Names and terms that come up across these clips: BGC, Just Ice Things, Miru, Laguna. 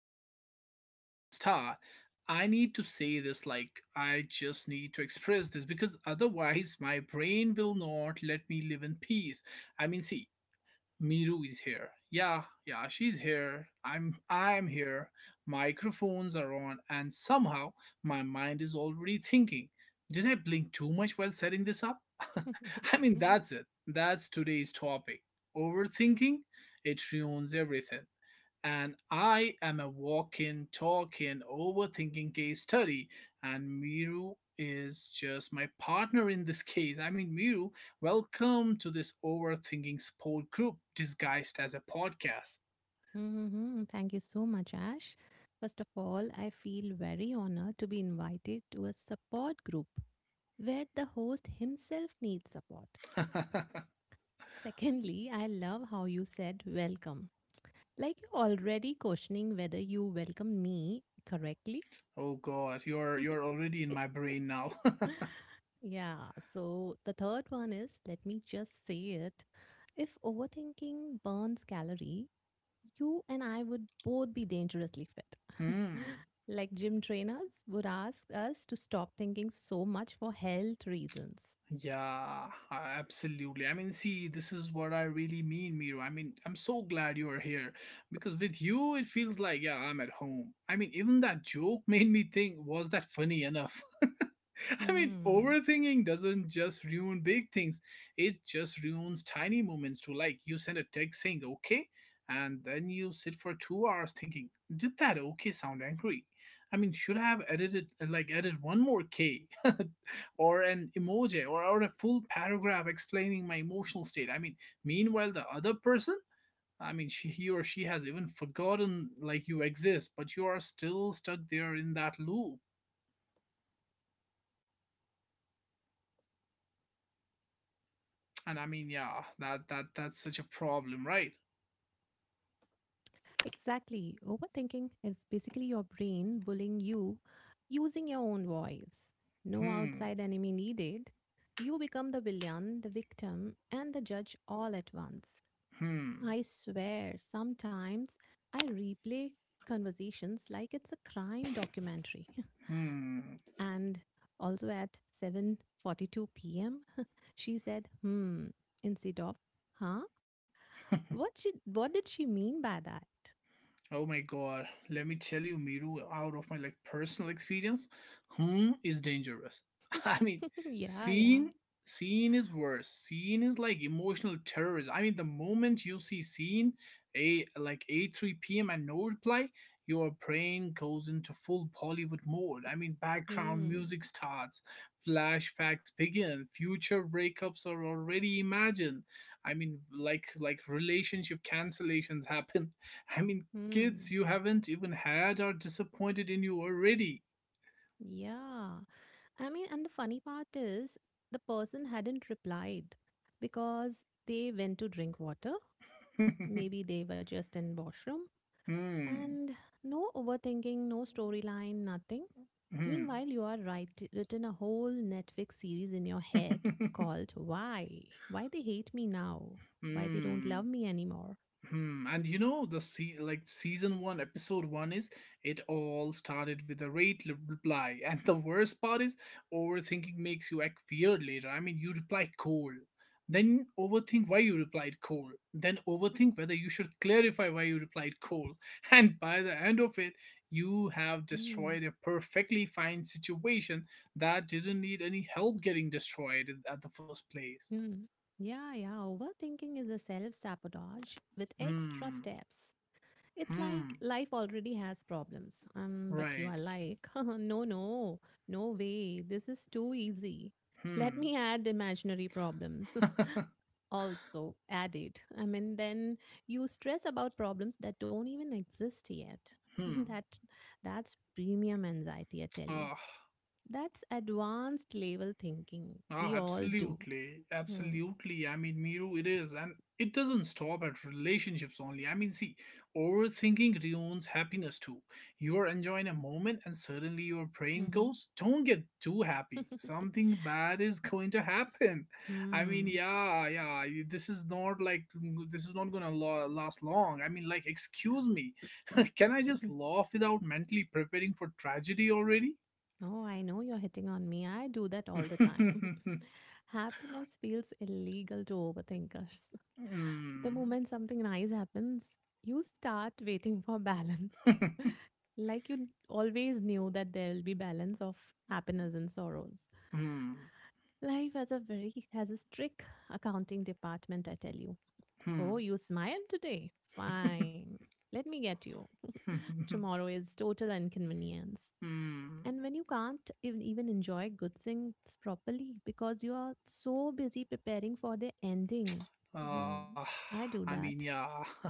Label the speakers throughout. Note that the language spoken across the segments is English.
Speaker 1: so before we even start, I need to say this like, I just need to express this because otherwise my brain will not let me live in peace. I mean, see, Miru is here. Yeah, yeah, she's here. I'm here. Microphones are on and somehow my mind is already thinking, did I blink too much while setting this up? I mean, that's it. That's today's topic. Overthinking, it ruins everything and I am a walking, talking, overthinking case study. And Miru is just my partner in this case. I mean, Miru, welcome to this overthinking support group disguised as a podcast.
Speaker 2: Hmm, thank you so much, Ash. First of all, I feel very honored to be invited to a support group where the host himself needs support. Secondly, I love how you said welcome, like you're already questioning whether you welcome me correctly.
Speaker 1: Oh God, you're already in my brain now.
Speaker 2: Yeah, so the third one is let me just say it. If overthinking burns calorie, you and I would both be dangerously fit.
Speaker 1: Hmm.
Speaker 2: Like gym trainers would ask us to stop thinking so much for health reasons.
Speaker 1: Yeah, absolutely. I mean, see, this is what I really mean, Miro. I mean, I'm so glad you are here because with you, it feels like, yeah, I'm at home. I mean, even that joke made me think, was that funny enough? I mean,
Speaker 2: Hmm.
Speaker 1: overthinking doesn't just ruin big things, it just ruins tiny moments too. Like, you send a text saying, okay, and then you sit for 2 hours thinking, did that okay sound angry? I mean, should I have edited, like, added one more K? Or an emoji or a full paragraph explaining my emotional state. I mean, meanwhile, the other person, I mean, she, he or she has even forgotten like you exist, but you are still stuck there in that loop. And I mean, yeah, that's such a problem, right?
Speaker 2: Exactly. Overthinking is basically your brain bullying you using your own voice. No
Speaker 1: Hmm,
Speaker 2: outside enemy needed. You become the villain, the victim, and the judge all at once.
Speaker 1: hmm,
Speaker 2: I swear, sometimes I replay conversations like it's a crime documentary.
Speaker 1: hmm.
Speaker 2: And also at 7:42 p.m., she said, "Hmm," instead of, "Huh? What did she mean by that?"
Speaker 1: Oh my God, let me tell you, Miru, out of my like personal experience, hmm is dangerous. I mean,
Speaker 2: Yeah, yeah.
Speaker 1: scene, scene is worse. Scene is like emotional terrorism. I mean, the moment you see scene, a like 8 3 p.m. and no reply, your brain goes into full Bollywood mode. I mean, background
Speaker 2: Hmm.
Speaker 1: music starts, flashbacks begin, future breakups are already imagined. I mean, like relationship cancellations happen. I mean,
Speaker 2: Hmm.
Speaker 1: kids you haven't even had are disappointed in you already.
Speaker 2: Yeah. I mean, and the funny part is the person hadn't replied because they went to drink water.
Speaker 1: Hmm.
Speaker 2: Maybe they were just in washroom. And no overthinking, no storyline, nothing.
Speaker 1: Hmm.
Speaker 2: Meanwhile, you are written a whole Netflix series in your head called Why? Why They Hate Me Now? Why They Don't
Speaker 1: Hmm.
Speaker 2: Love Me Anymore?
Speaker 1: Hmm, and you know the like season one, episode one is it all
Speaker 2: Mm-hmm.
Speaker 1: started with a reply, and the worst part is overthinking makes you act weird later. I mean, you reply cold, then overthink why you replied cold, then overthink whether you should clarify why you replied cold, and by the end
Speaker 2: Mm.
Speaker 1: of it, you have destroyed a perfectly fine situation that didn't need any help getting destroyed at the first
Speaker 2: Hmm.
Speaker 1: place.
Speaker 2: Yeah, yeah. Overthinking is a self sabotage with extra
Speaker 1: Hmm,
Speaker 2: steps. It's like
Speaker 1: hmm,
Speaker 2: life already has problems. But you are
Speaker 1: right,
Speaker 2: like, no, no, no way. This is too easy. Let
Speaker 1: hmm.
Speaker 2: me add imaginary problems. Also added. I mean, then you stress about problems that don't even exist yet.
Speaker 1: Hmm.
Speaker 2: that that's premium anxiety, I tell you.
Speaker 1: Ah,
Speaker 2: That's advanced level thinking. We all do.
Speaker 1: Absolutely.
Speaker 2: Hmm.
Speaker 1: Absolutely. I mean, Miru, it is. And it doesn't stop at relationships only. I mean, see, overthinking ruins happiness too. You are enjoying a moment and suddenly your brain
Speaker 2: Mm-hmm.
Speaker 1: goes, don't get too happy. Something bad is going to happen. I mean,
Speaker 2: Hmm.
Speaker 1: yeah, yeah, this is not like, this is not going to last long. I mean, like, excuse me, can I
Speaker 2: Yeah.
Speaker 1: just laugh without mentally preparing for tragedy already?
Speaker 2: Oh, I know you're hitting on me. I do that all the time. Happiness feels illegal to overthinkers. The
Speaker 1: 嗯，
Speaker 2: moment something nice happens, you start waiting for balance.
Speaker 1: 哼哼，
Speaker 2: Like you always knew that there'll be balance of happiness and sorrows.
Speaker 1: 嗯，
Speaker 2: Life has a strict accounting department, I tell you.
Speaker 1: 哼
Speaker 2: Oh, you smiled today.
Speaker 1: 哼
Speaker 2: Fine. Let me get you.
Speaker 1: 哼哼哼，
Speaker 2: Tomorrow is total inconvenience.
Speaker 1: 嗯。
Speaker 2: And when you can't even enjoy good things properly because you are so busy preparing for the ending.
Speaker 1: Uh,
Speaker 2: Mhm. I
Speaker 1: I
Speaker 2: do
Speaker 1: mean,
Speaker 2: that.
Speaker 1: yeah.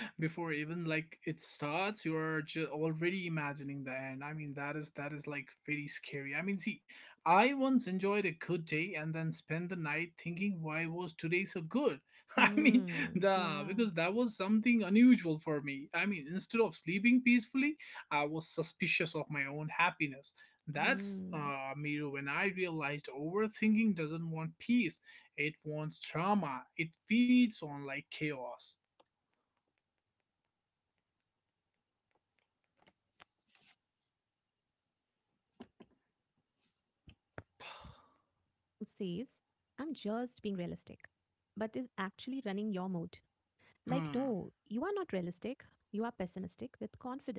Speaker 1: Before even like it starts, you are already imagining the end. I mean, that is like very scary. I mean, see, I once enjoyed a good day and then spent the night thinking why was today so good. I mean,
Speaker 2: Mm,
Speaker 1: the
Speaker 2: yeah.
Speaker 1: because that was something unusual for me. I mean, instead of sleeping peacefully, I was suspicious of my own happiness. That's
Speaker 2: Mm,
Speaker 1: Miru when I realized overthinking doesn't want peace, it wants drama. It feeds on like chaos.
Speaker 2: mm. I tell you, Ash, overthinking is that friend who says, I'm just being realistic, but is actually running your mood. Like, no, you are not
Speaker 1: Hmm.
Speaker 2: realistic. You are pessimistic with confidence.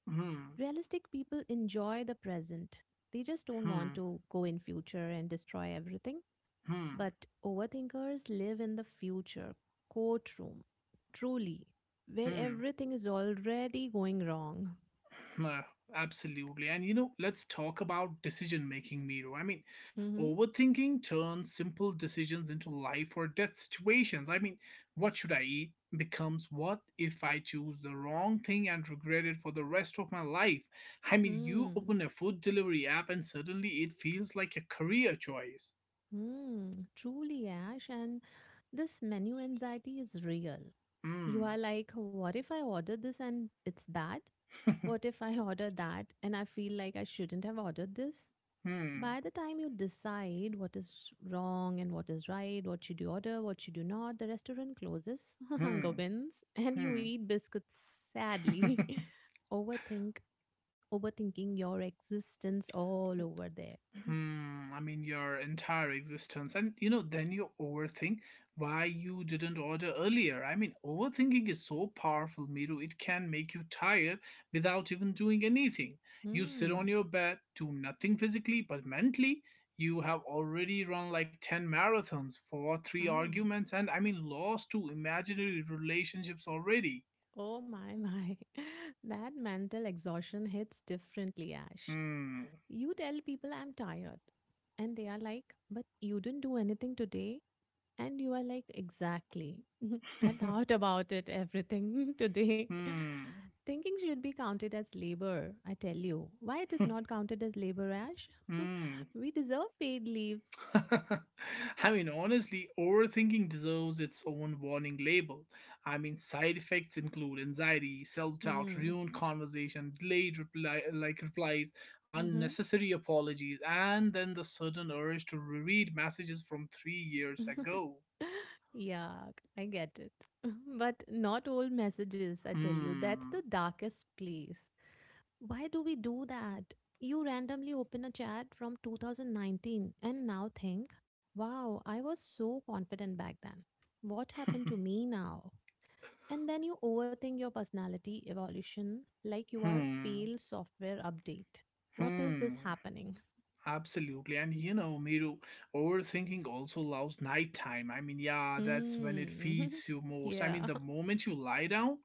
Speaker 1: Hmm.
Speaker 2: Realistic people enjoy the present. They just don't want
Speaker 1: Hmm.
Speaker 2: to go in future and destroy everything.
Speaker 1: Hmm.
Speaker 2: But overthinkers live in the future, courtroom, truly, where
Speaker 1: Hmm.
Speaker 2: everything is already going wrong.
Speaker 1: Uh, Absolutely. And you know, let's talk about decision making, Miro. I mean,
Speaker 2: Mm-hmm.
Speaker 1: overthinking turns simple decisions into life or death situations. I mean, what should I eat becomes what if I choose the wrong thing and regret it for the rest of my life. I mean, you
Speaker 2: Hmm.
Speaker 1: open a food delivery app and suddenly it feels like a career choice.
Speaker 2: Hmm. Truly, Ash. And this menu anxiety is real. You are
Speaker 1: Hmm.
Speaker 2: like, what if I order this and it's bad? What if I order that and I feel like I shouldn't have ordered this?
Speaker 1: Hmm.
Speaker 2: By the time you decide what is wrong and what is right, what should you order, what should you not, the restaurant closes, hunger
Speaker 1: Hmm.
Speaker 2: wins, and you
Speaker 1: Hmm.
Speaker 2: eat biscuits sadly. Overthink, Overthinking your existence all over there.
Speaker 1: Hmm. I mean, your entire existence. And, you know, then you overthink why you didn't order earlier. I mean, overthinking is so powerful, Miru. It can make you tired without even doing anything. You sit
Speaker 2: Hmm.
Speaker 1: on your bed, do nothing physically, but mentally, you have already run like 10 marathons for three
Speaker 2: Oh,
Speaker 1: arguments and, I mean, lost two imaginary relationships already.
Speaker 2: oh my, my. That mental exhaustion hits differently, Ash.
Speaker 1: Hmm.
Speaker 2: You tell people I'm tired, and they are like, but you didn't do anything today. And you are like, exactly. I thought about it everything today.
Speaker 1: Hmm.
Speaker 2: Thinking should be counted as labor, I tell you. Why it is not counted as labor, Ash?
Speaker 1: Hmm.
Speaker 2: We deserve paid leaves.
Speaker 1: I mean, honestly, overthinking deserves its own warning label. I mean, side effects include anxiety, self-doubt,
Speaker 2: Hmm.
Speaker 1: ruined conversation, delayed reply, like replies,
Speaker 2: Mm-hmm.
Speaker 1: unnecessary apologies, and then the sudden urge to reread messages from 3 years ago.
Speaker 2: Yeah, I get it. But not all messages, I tell you. That's the
Speaker 1: Hmm.
Speaker 2: darkest place. Why do we do that? You randomly open a chat from 2019 and now think, wow, I was so confident back then. What happened to me now? And then you overthink your personality evolution like you are
Speaker 1: Hmm.
Speaker 2: failed software update. What is
Speaker 1: Hmm.
Speaker 2: this happening?
Speaker 1: Absolutely. And you know, Miru, overthinking also loves nighttime. I mean, yeah, that's when it
Speaker 2: Mm.
Speaker 1: feeds you most. I mean,
Speaker 2: Yeah.
Speaker 1: the moment you lie down,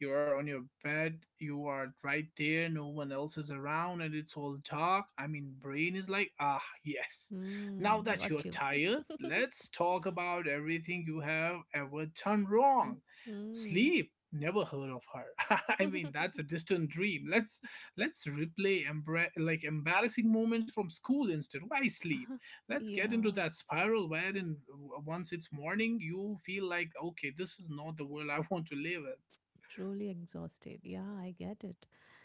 Speaker 1: you are on your bed, you are right there, no one else is around, and it's all dark. I mean, brain is like, ah, yes. Now
Speaker 2: Mm.
Speaker 1: that you're
Speaker 2: Got you.
Speaker 1: tired, let's talk about everything you have ever done wrong.
Speaker 2: Mm.
Speaker 1: Sleep. Never heard of her. I mean, that's a distant dream. Let's let's replay like embarrassing moments from school instead. Why sleep? Let's get into
Speaker 2: Yeah.
Speaker 1: that spiral wherein once it's morning, you feel like, okay, this is not the world I want to live
Speaker 2: Truly exhausted. Yeah, I get it.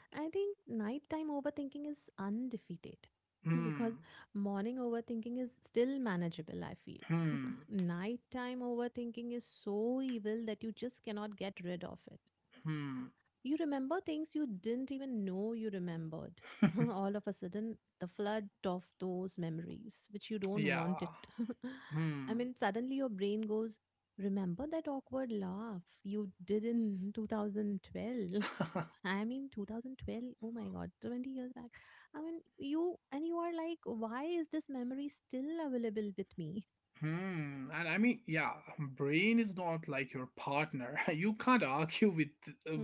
Speaker 2: I think nighttime overthinking is undefeated because
Speaker 1: in.
Speaker 2: morning overthinking is still manageable, I feel.
Speaker 1: Hmm.
Speaker 2: Nighttime overthinking is so evil that you just cannot get rid of it.
Speaker 1: Hmm.
Speaker 2: You remember things you didn't even know you remembered.
Speaker 1: Hmm.
Speaker 2: All of a sudden, the flood of those memories, which you don't
Speaker 1: Yeah.
Speaker 2: want it. I
Speaker 1: Hmm.
Speaker 2: mean, suddenly your brain goes, remember that awkward laugh you did in 2012? I mean, 2012, oh my god, 20 years back. I mean, you and you are like, why is this memory still available with me?
Speaker 1: Hmm. And I mean, yeah, brain is not like your partner. You can't argue with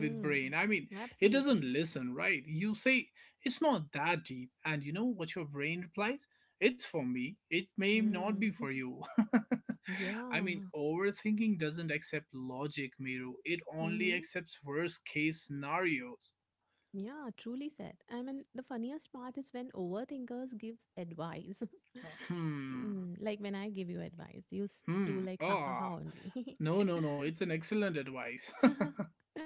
Speaker 1: brain. I mean, it
Speaker 2: absolutely.
Speaker 1: doesn't listen, right? You say it's not that deep, and you know what your brain replies? It's for me. It may not be
Speaker 2: Hmm,
Speaker 1: for you. I mean,
Speaker 2: yeah.
Speaker 1: overthinking doesn't accept logic, Miru. It only
Speaker 2: Mm-hmm.
Speaker 1: accepts worst case scenarios.
Speaker 2: Yeah, truly said. I mean, the funniest part is when overthinkers gives advice.
Speaker 1: Hmm.
Speaker 2: Mm, like when I give you advice, you do
Speaker 1: Hmm.
Speaker 2: like ha ha
Speaker 1: Ah.
Speaker 2: ha only.
Speaker 1: No, no, no. It's an excellent advice.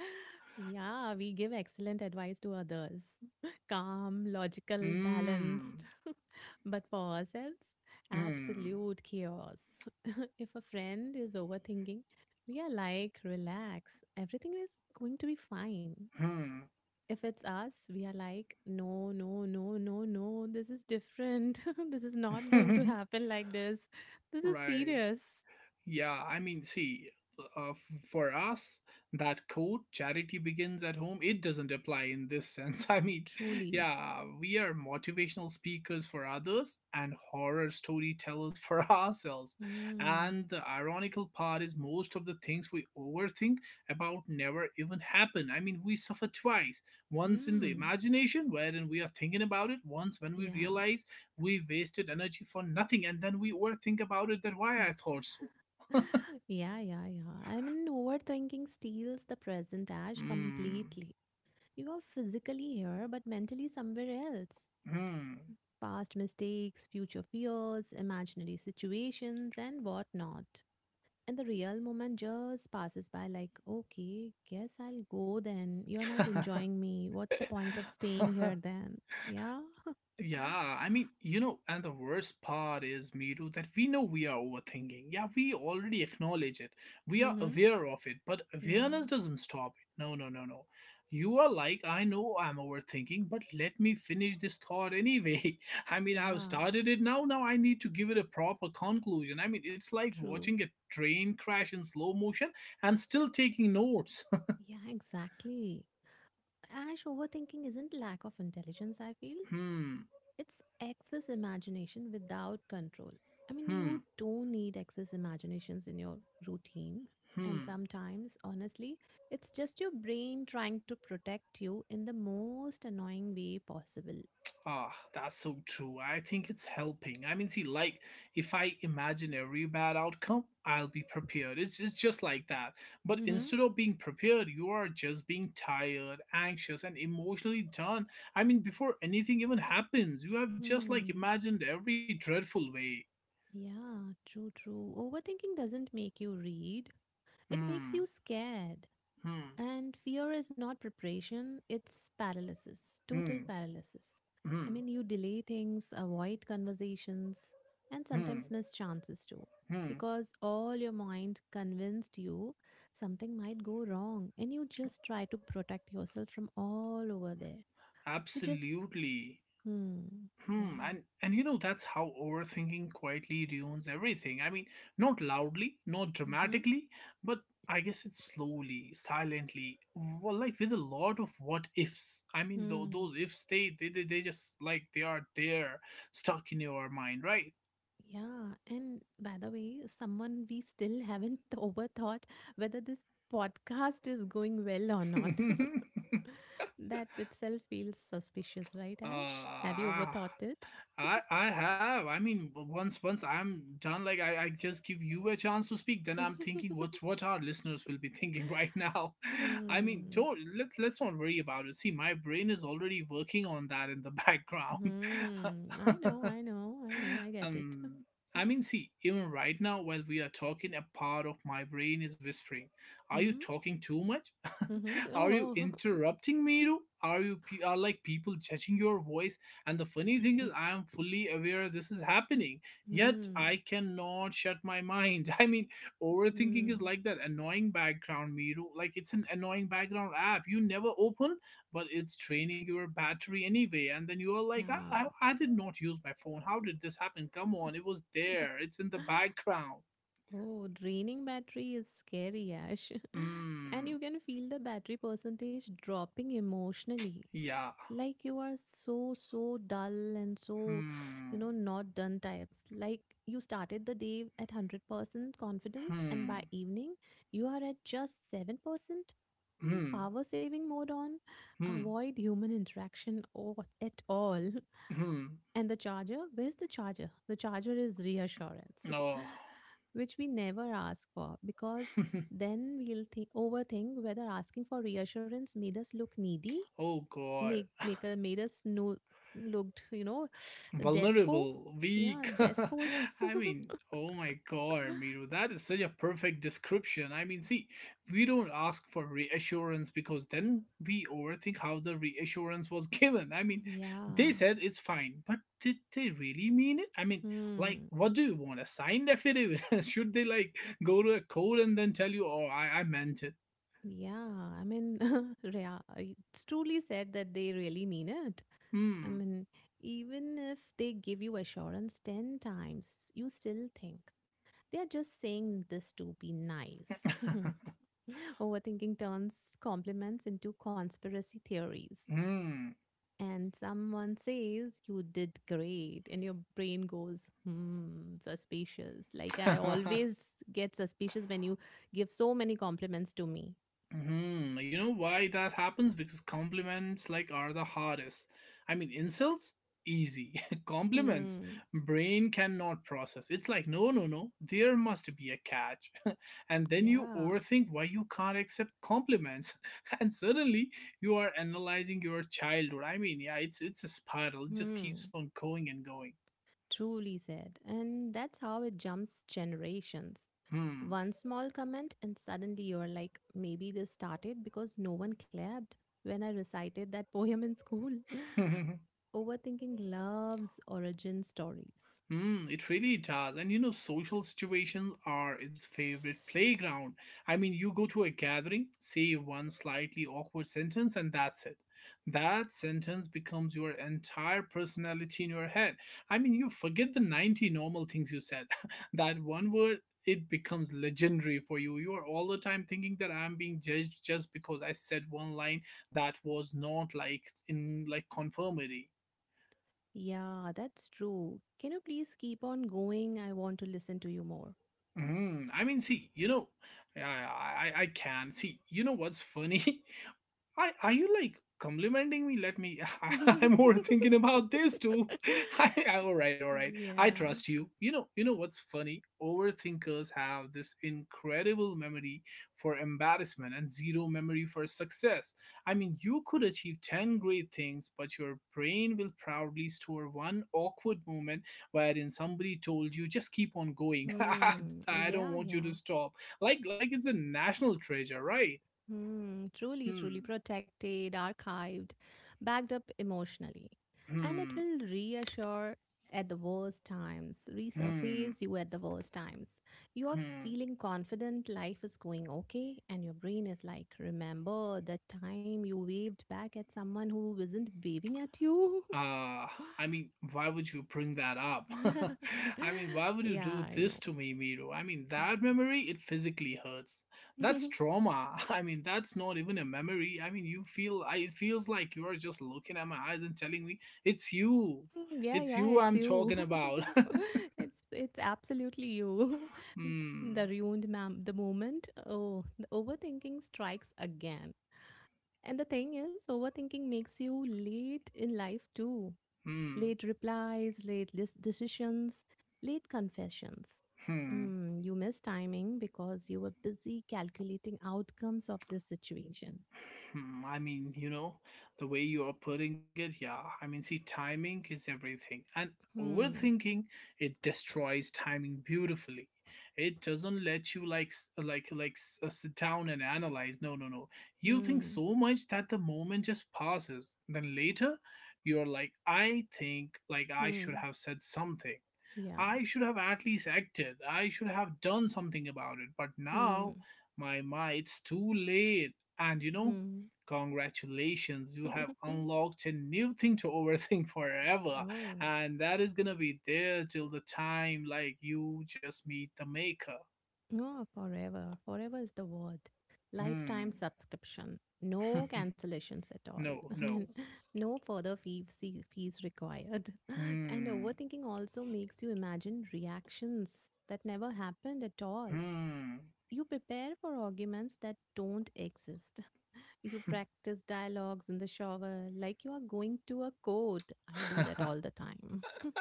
Speaker 2: Yeah, we give excellent advice to others. Calm, logical, balanced.
Speaker 1: Hmm.
Speaker 2: But for ourselves,
Speaker 1: Hmm.
Speaker 2: absolute chaos. If a friend is overthinking, we are like, relax, everything is going to be fine.
Speaker 1: Hmm.
Speaker 2: If it's us, we are like, no, no, no, no, no, this is different. This is not going to happen like this. This is
Speaker 1: Right.
Speaker 2: serious.
Speaker 1: Yeah, I mean, see, for us, that quote, charity begins at home, it doesn't apply in this sense. I mean,
Speaker 2: Truly.
Speaker 1: yeah, we are motivational speakers for others and horror storytellers for ourselves.
Speaker 2: Mm.
Speaker 1: And the ironical part is most of the things we overthink about never even happen. I mean, we suffer twice once in the
Speaker 2: Mm.
Speaker 1: imagination, wherein we are thinking about it, once when we
Speaker 2: Yeah.
Speaker 1: realize we wasted energy for nothing, and then we overthink about it that why I thought so.
Speaker 2: Yeah, yeah, yeah. I mean, overthinking steals the present Ash
Speaker 1: Hmm.
Speaker 2: completely. You are physically here, but mentally somewhere else.
Speaker 1: Hmm.
Speaker 2: Past mistakes, future fears, imaginary situations, and whatnot. And the real moment just passes by like, okay, guess I'll go then. You're not enjoying me. What's the point of staying here then? Yeah.
Speaker 1: Yeah, I mean, you know, and the worst part is, Miru, that we know we are overthinking. Yeah, we already acknowledge it. We are
Speaker 2: Mm-hmm.
Speaker 1: aware of it, but
Speaker 2: Yeah,
Speaker 1: awareness doesn't stop it. No, no, no, no. You are like, I know I'm overthinking, but let me finish this thought anyway. I mean, I've
Speaker 2: yeah,
Speaker 1: started it now. Now I need to give it a proper conclusion. I mean, it's like
Speaker 2: true.
Speaker 1: watching a train crash in slow motion and still taking notes.
Speaker 2: Yeah, exactly, Ash, overthinking isn't lack of intelligence, I feel.
Speaker 1: Hmm.
Speaker 2: It's excess imagination without control. I mean, you
Speaker 1: Hmm.
Speaker 2: don't need excess imaginations in your routine. And
Speaker 1: Hmm.
Speaker 2: sometimes, honestly, it's just your brain trying to protect you in the most annoying way possible.
Speaker 1: Ah, that's so true. I think it's helping. I mean, see, like, if I imagine every bad outcome, I'll be prepared. It's just like that. But
Speaker 2: Mm-hmm.
Speaker 1: instead of being prepared, you are just being tired, anxious, and emotionally done. I mean, before anything even happens, you have just, like,
Speaker 2: Hmm.
Speaker 1: imagined every dreadful way.
Speaker 2: Yeah, true, true. Overthinking doesn't make you read, it makes
Speaker 1: Hmm.
Speaker 2: you scared.
Speaker 1: Hmm.
Speaker 2: And fear is not preparation, it's paralysis, total
Speaker 1: Hmm.
Speaker 2: paralysis.
Speaker 1: Hmm.
Speaker 2: I mean, you delay things, avoid conversations, and
Speaker 1: Hmm.
Speaker 2: sometimes miss chances too.
Speaker 1: Hmm.
Speaker 2: Because all your mind convinced you something might go wrong, and you just try to protect yourself from all over there. You just,
Speaker 1: Absolutely.
Speaker 2: hmm, yeah,
Speaker 1: Hmm, and you know that's how overthinking quietly ruins everything. I mean, not loudly, not
Speaker 2: mm-hmm,
Speaker 1: dramatically, but I guess it's slowly, silently, well, like with a lot of what ifs. I mean,
Speaker 2: hmm,
Speaker 1: those ifs they just like they are there, stuck in your mind, right?
Speaker 2: yeah. And by the way, someone we still haven't overthought whether this podcast is going well or not. That itself feels suspicious, right, Ash? Have you
Speaker 1: Uh,
Speaker 2: overthought it?
Speaker 1: I have. I mean, once I'm done, like I just give you a chance to speak. Then I'm thinking what what our listeners will be thinking right now. I mean,
Speaker 2: Hmm.
Speaker 1: don't let let's not worry about it. See, my brain is already working on that in the background.
Speaker 2: Hmm. I know, I know, I know, I get it.
Speaker 1: Um, I mean, see, even right now, while we are talking, a part of my brain is whispering, "Are you
Speaker 2: Hmm.
Speaker 1: talking too much?
Speaker 2: Mm-hmm.
Speaker 1: Are you
Speaker 2: Oh.
Speaker 1: interrupting me? Too? Are like people judging your voice?" And the funny thing is, I am fully aware this is happening, yet
Speaker 2: Hmm.
Speaker 1: I cannot shut my mind. I mean, overthinking is
Speaker 2: Hmm.
Speaker 1: like that annoying background, Miru. Like it's an annoying background app you never open, but it's draining your battery anyway and then you're
Speaker 2: Yeah.
Speaker 1: like I did not use my phone. How did this happen? Come on, it was
Speaker 2: Yeah.
Speaker 1: there, it's in the background.
Speaker 2: Oh, draining battery is scary, Ash. And
Speaker 1: Hmm.
Speaker 2: you can feel the battery percentage dropping emotionally.
Speaker 1: Yeah.
Speaker 2: Like you are so, so dull and so, you
Speaker 1: Hmm.
Speaker 2: know, not done types. Like you started the day at 100% confidence, and by
Speaker 1: Hmm.
Speaker 2: evening, you are at just 7%.
Speaker 1: Hmm.
Speaker 2: Power saving mode on.
Speaker 1: Hmm.
Speaker 2: Avoid human interaction or at all.
Speaker 1: Hmm.
Speaker 2: And the charger, where's the charger? The charger is reassurance,
Speaker 1: Oh.
Speaker 2: which we never ask for because then we'll think overthink whether asking for reassurance made us look needy,
Speaker 1: Oh God.
Speaker 2: make make made us no looked, despo.
Speaker 1: Vulnerable,
Speaker 2: Yeah,
Speaker 1: weak.
Speaker 2: despos.
Speaker 1: I mean, oh my God, Miru, that is such a perfect description. I mean, see, we don't ask for reassurance because then we overthink how the reassurance was given. I mean, they
Speaker 2: Yeah.
Speaker 1: said it's fine, but did they really mean it? I mean, like,
Speaker 2: Hmm.
Speaker 1: what do you want? A signed affidavit? Should they, like, go to a court and then tell you, oh, I meant it?
Speaker 2: Yeah. I mean, yeah, it's truly said that they really mean it. I
Speaker 1: Hmm.
Speaker 2: mean, even if they give you assurance 10 times, you still think. They are just saying this to be nice. Overthinking turns compliments into conspiracy theories.
Speaker 1: Hmm.
Speaker 2: And someone says, you did great. And your brain goes, hmm, suspicious. Like I always get suspicious when you give so many compliments to me.
Speaker 1: Hmm, you know why that happens? Because compliments like are the hardest. I mean, insults easy. Compliments
Speaker 2: Hmm,
Speaker 1: brain cannot process. It's like no, no, no. There must be a catch. And then you
Speaker 2: yeah.
Speaker 1: overthink why you can't accept compliments. And suddenly you are analyzing your childhood. I mean, yeah, it's a spiral. It just keeps
Speaker 2: Hmm.
Speaker 1: on going and going.
Speaker 2: Truly said. And that's how it jumps generations. One small comment, and suddenly you're like, maybe this started because no one clapped when I recited that poem in school.
Speaker 1: Hmm.
Speaker 2: Overthinking love's origin stories.
Speaker 1: Mm, it really does. And you know, social situations are its favorite playground. I mean, you go to a gathering, say one slightly awkward sentence, and that's it. That sentence becomes your entire personality in your head. I mean, you forget the 90 normal things you said. That one word, it becomes legendary for you. You are all the time thinking that I'm being judged just because I said one line that was not like in like conformity.
Speaker 2: Yeah, that's true. Can you please keep on going? I want to listen to you more.
Speaker 1: Mhm. I mean, see, you know, I can see. You know what's funny? Are you like complimenting me? Let me. I am more thinking about this too. All right, all right. I
Speaker 2: Yeah.
Speaker 1: trust you. You know what's funny? Overthinkers have this incredible memory for embarrassment and zero memory for success. I mean, you could achieve 10 great things, but your brain will proudly store one awkward moment wherein somebody told you, "Just keep on going. I,
Speaker 2: Hmm.
Speaker 1: I don't
Speaker 2: Yeah,
Speaker 1: want you to
Speaker 2: yeah.
Speaker 1: stop." Like it's a national treasure, right?
Speaker 2: Hmm, truly, truly
Speaker 1: Hmm.
Speaker 2: protected, archived, backed up emotionally. And it
Speaker 1: Hmm.
Speaker 2: will reassure at the worst times,
Speaker 1: Hmm.
Speaker 2: resurface you at the worst times. You are
Speaker 1: Hmm.
Speaker 2: feeling confident, life is going okay, and your brain is like, remember that time you waved back at someone who isn't waving at you?
Speaker 1: Uh, I mean, why would you bring that up? I mean, why would you do
Speaker 2: Yeah, I
Speaker 1: this to me, Miru? I mean, that memory, it physically hurts. That's
Speaker 2: know.
Speaker 1: trauma. I mean, that's not even a memory. I mean, you feel, it feels like you are just looking at my eyes and telling me, it's you.
Speaker 2: Mm, yeah,
Speaker 1: It's
Speaker 2: yeah,
Speaker 1: you
Speaker 2: it's
Speaker 1: I'm talking
Speaker 2: you.
Speaker 1: about.
Speaker 2: It's absolutely you. It's the
Speaker 1: Hmm.
Speaker 2: ruined ma'am the moment. Oh, the overthinking strikes again. And the thing is, overthinking makes you late in life too.
Speaker 1: Hmm.
Speaker 2: Late replies, late list decisions, late confessions.
Speaker 1: Hmm.
Speaker 2: Mm, you miss timing because you were busy calculating outcomes of this situation.
Speaker 1: Hmm, I mean, you know, the way you are putting it, yeah. I mean, see, timing is everything. And
Speaker 2: Hmm.
Speaker 1: overthinking, it destroys timing beautifully. It doesn't let you like sit down and analyze. No, no, no. You think
Speaker 2: Hmm.
Speaker 1: so much that the moment just passes. Then later, you're like, I think like I should
Speaker 2: Hmm.
Speaker 1: have said something.
Speaker 2: Yeah.
Speaker 1: I should have at least acted. I should have done something about it. But
Speaker 2: Hmm.
Speaker 1: now, it's too late. And you know,
Speaker 2: Hmm.
Speaker 1: congratulations, you have unlocked a new thing to overthink forever,
Speaker 2: Oh,
Speaker 1: and that is gonna be there till the time like you just meet the maker.
Speaker 2: no, forever. Forever is the word. Lifetime
Speaker 1: Hmm.
Speaker 2: subscription. No cancellations at all.
Speaker 1: No,
Speaker 2: I mean,
Speaker 1: no.
Speaker 2: no further fees required. And
Speaker 1: Hmm.
Speaker 2: overthinking also makes you imagine reactions that never happened at all.
Speaker 1: Hmm.
Speaker 2: You prepare for arguments that don't exist. You practice dialogues in the shower like you are going to a court. I do that all the time.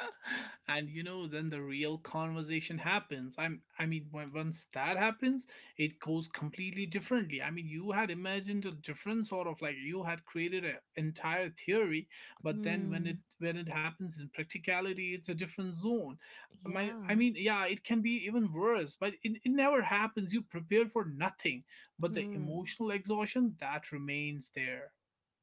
Speaker 1: And you know, then the real conversation happens. I mean, once that happens, it goes completely differently. I mean, you had imagined a different sort of, like, you had created an entire theory, but then when it
Speaker 2: Hmm.
Speaker 1: when it happens in practicality, it's a different zone. my i
Speaker 2: Yeah.
Speaker 1: mean yeah, it can be even worse, but it never happens. You prepare for nothing, but the
Speaker 2: Hmm.
Speaker 1: emotional exhaustion that remains there.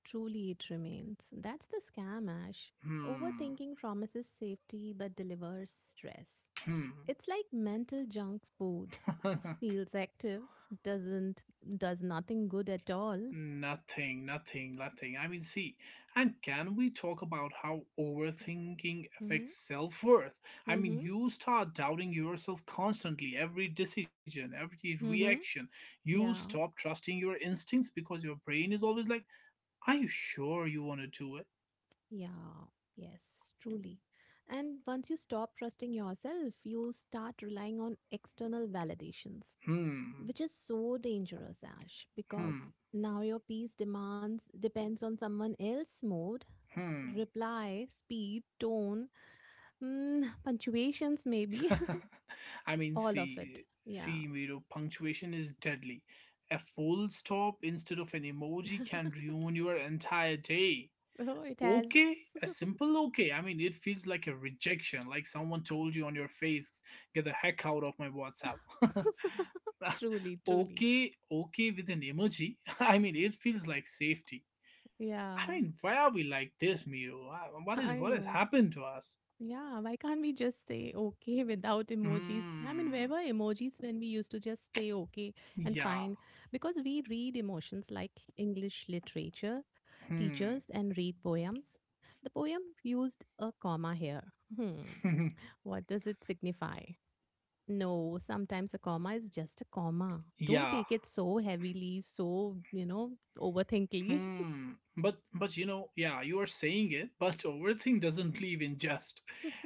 Speaker 2: Truly, it remains. That's the scam, Ash.
Speaker 1: Hmm.
Speaker 2: Overthinking promises safety but delivers stress.
Speaker 1: Hmm.
Speaker 2: It's like mental junk food. Feels active, doesn't, does nothing good at all.
Speaker 1: Nothing, nothing, nothing. I mean, see, and can we talk about how overthinking
Speaker 2: Mm-hmm.
Speaker 1: affects self worth? I mean,
Speaker 2: Mm-hmm.
Speaker 1: you start doubting yourself constantly, every decision, every
Speaker 2: Mm-hmm.
Speaker 1: reaction. You
Speaker 2: Yeah.
Speaker 1: stop trusting your instincts because your brain is always like, are you sure you want to do it?
Speaker 2: Yeah. Yes, truly. And once you stop trusting yourself, you start relying on external validations,
Speaker 1: Hmm,
Speaker 2: which is so dangerous, Ash, because
Speaker 1: hmm,
Speaker 2: now your peace demands depends on someone else's mood,
Speaker 1: hmm.
Speaker 2: reply speed, tone, punctuations maybe.
Speaker 1: I mean,
Speaker 2: All of it,
Speaker 1: see,
Speaker 2: yeah.
Speaker 1: see, Miro, punctuation is deadly. A full stop instead of an emoji can ruin your entire day.
Speaker 2: Oh, it has.
Speaker 1: Okay. A simple okay, I mean, it feels like a rejection, like someone told you on your face, get the heck out of my WhatsApp.
Speaker 2: Truly, truly.
Speaker 1: Okay, okay with an emoji. I mean, it feels like safety.
Speaker 2: Yeah,
Speaker 1: I mean, why are we like this, Miro? Uh, what is
Speaker 2: I
Speaker 1: what has
Speaker 2: know.
Speaker 1: happened to us?
Speaker 2: Yeah, why can't we just say okay without emojis? I mean,
Speaker 1: Hmm.
Speaker 2: where were emojis when we used to just say okay and
Speaker 1: Yeah.
Speaker 2: fine? Because we read emotions like English literature
Speaker 1: Hmm.
Speaker 2: teachers and read poems. The poem used a comma here. Hmm, what does it signify? No, sometimes a comma is just a comma. Don't
Speaker 1: Yeah.
Speaker 2: take it so heavily, so, overthinkly.
Speaker 1: Hmm. But you know, yeah, you are saying it, but everything doesn't believe in just.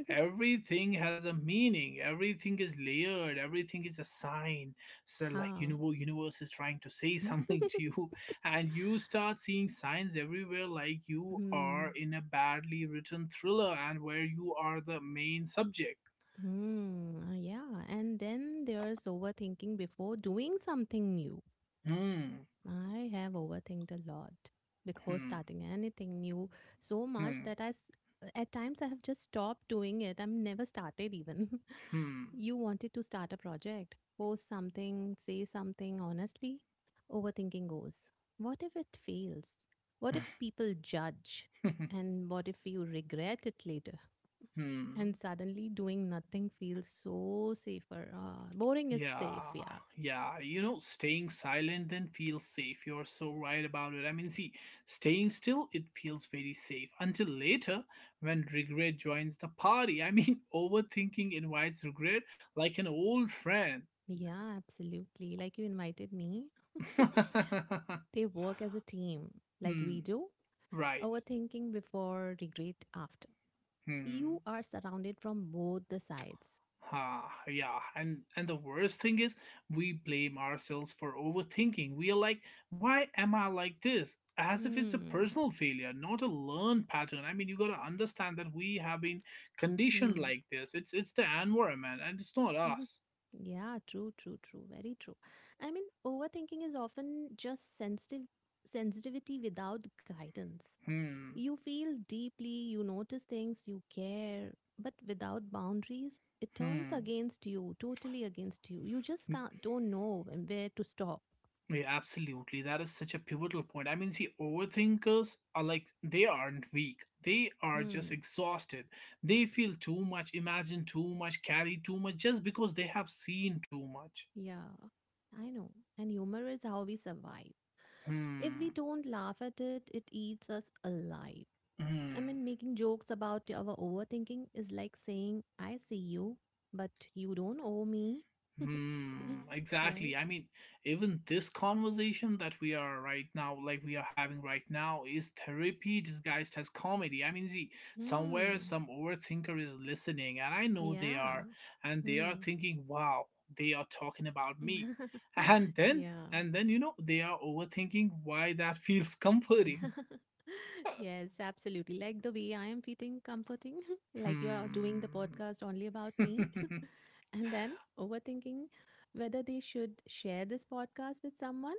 Speaker 1: Everything has a meaning. Everything is layered. Everything is a sign. So, like, you
Speaker 2: Yeah.
Speaker 1: know, universe is trying to say something to you, and you start seeing signs everywhere, like you
Speaker 2: Hmm.
Speaker 1: are in a badly written thriller, and where you are the main subject.
Speaker 2: Hmm, yeah. And then there's overthinking before doing something new.
Speaker 1: Hmm.
Speaker 2: I have overthinked a lot before
Speaker 1: Hmm.
Speaker 2: starting anything new so much
Speaker 1: Hmm.
Speaker 2: that at times, I have just stopped doing it. I've never started even.
Speaker 1: Hmm.
Speaker 2: You wanted to start a project, post something, say something honestly. Overthinking goes, what if it fails? What if people judge? And what if you regret it later?
Speaker 1: Hmm.
Speaker 2: And suddenly doing nothing feels so safer. Boring is safe,
Speaker 1: Yeah,
Speaker 2: yeah.
Speaker 1: yeah. You know, staying silent then feels safe. You're so right about it. I mean, see, staying still, it feels very safe until later, when regret joins the party. I mean, overthinking invites regret like an old friend.
Speaker 2: Yeah, absolutely. Like you invited me, they work as a team, like we
Speaker 1: Hmm,
Speaker 2: do.
Speaker 1: right.
Speaker 2: Overthinking before, regret after.
Speaker 1: Hmm.
Speaker 2: You are surrounded from both the sides.
Speaker 1: Ah, yeah, and the worst thing is we blame ourselves for overthinking. We are like, why am I like this? As if it's a
Speaker 2: Hmm.
Speaker 1: personal failure, not a learned pattern. I mean, you got to understand that we have been conditioned
Speaker 2: Hmm.
Speaker 1: like this. It's the environment, and it's not
Speaker 2: Hmm.
Speaker 1: us.
Speaker 2: Yeah, true, true, true. Very true. I mean, overthinking is often just sensitive sensitivity without guidance.
Speaker 1: Hmm.
Speaker 2: You feel deeply, you notice things, you care, but without boundaries, it turns
Speaker 1: Hmm.
Speaker 2: against you, totally against you. You just can't, don't know where to stop.
Speaker 1: Yeah, absolutely. That is such a pivotal point. I mean, see, overthinkers are like they aren't weak. They are just
Speaker 2: Hmm.
Speaker 1: exhausted. They feel too much, imagine too much, carry too much, just because they have seen too much.
Speaker 2: Yeah, I know. And humor is how we survive. If
Speaker 1: Hmm.
Speaker 2: we don't laugh at it, it eats us alive. I
Speaker 1: Hmm.
Speaker 2: mean, making jokes about our overthinking is like saying, I see you, but you don't owe me.
Speaker 1: Hmm,
Speaker 2: Right?
Speaker 1: exactly. I mean, even this conversation that we are right now, like we are having right now, is therapy disguised as comedy. I mean, see, somewhere
Speaker 2: Hmm.
Speaker 1: some overthinker is listening, and I know they
Speaker 2: Yeah.
Speaker 1: are, and they are
Speaker 2: Hmm.
Speaker 1: thinking, wow, they are talking about me. And then,
Speaker 2: Yeah.
Speaker 1: and then, you know, they are overthinking why that feels comforting.
Speaker 2: Yes, absolutely. Like the way I am feeling comforting, like you are doing the
Speaker 1: Hmm.
Speaker 2: podcast only about me, and then overthinking whether they should share this podcast with someone.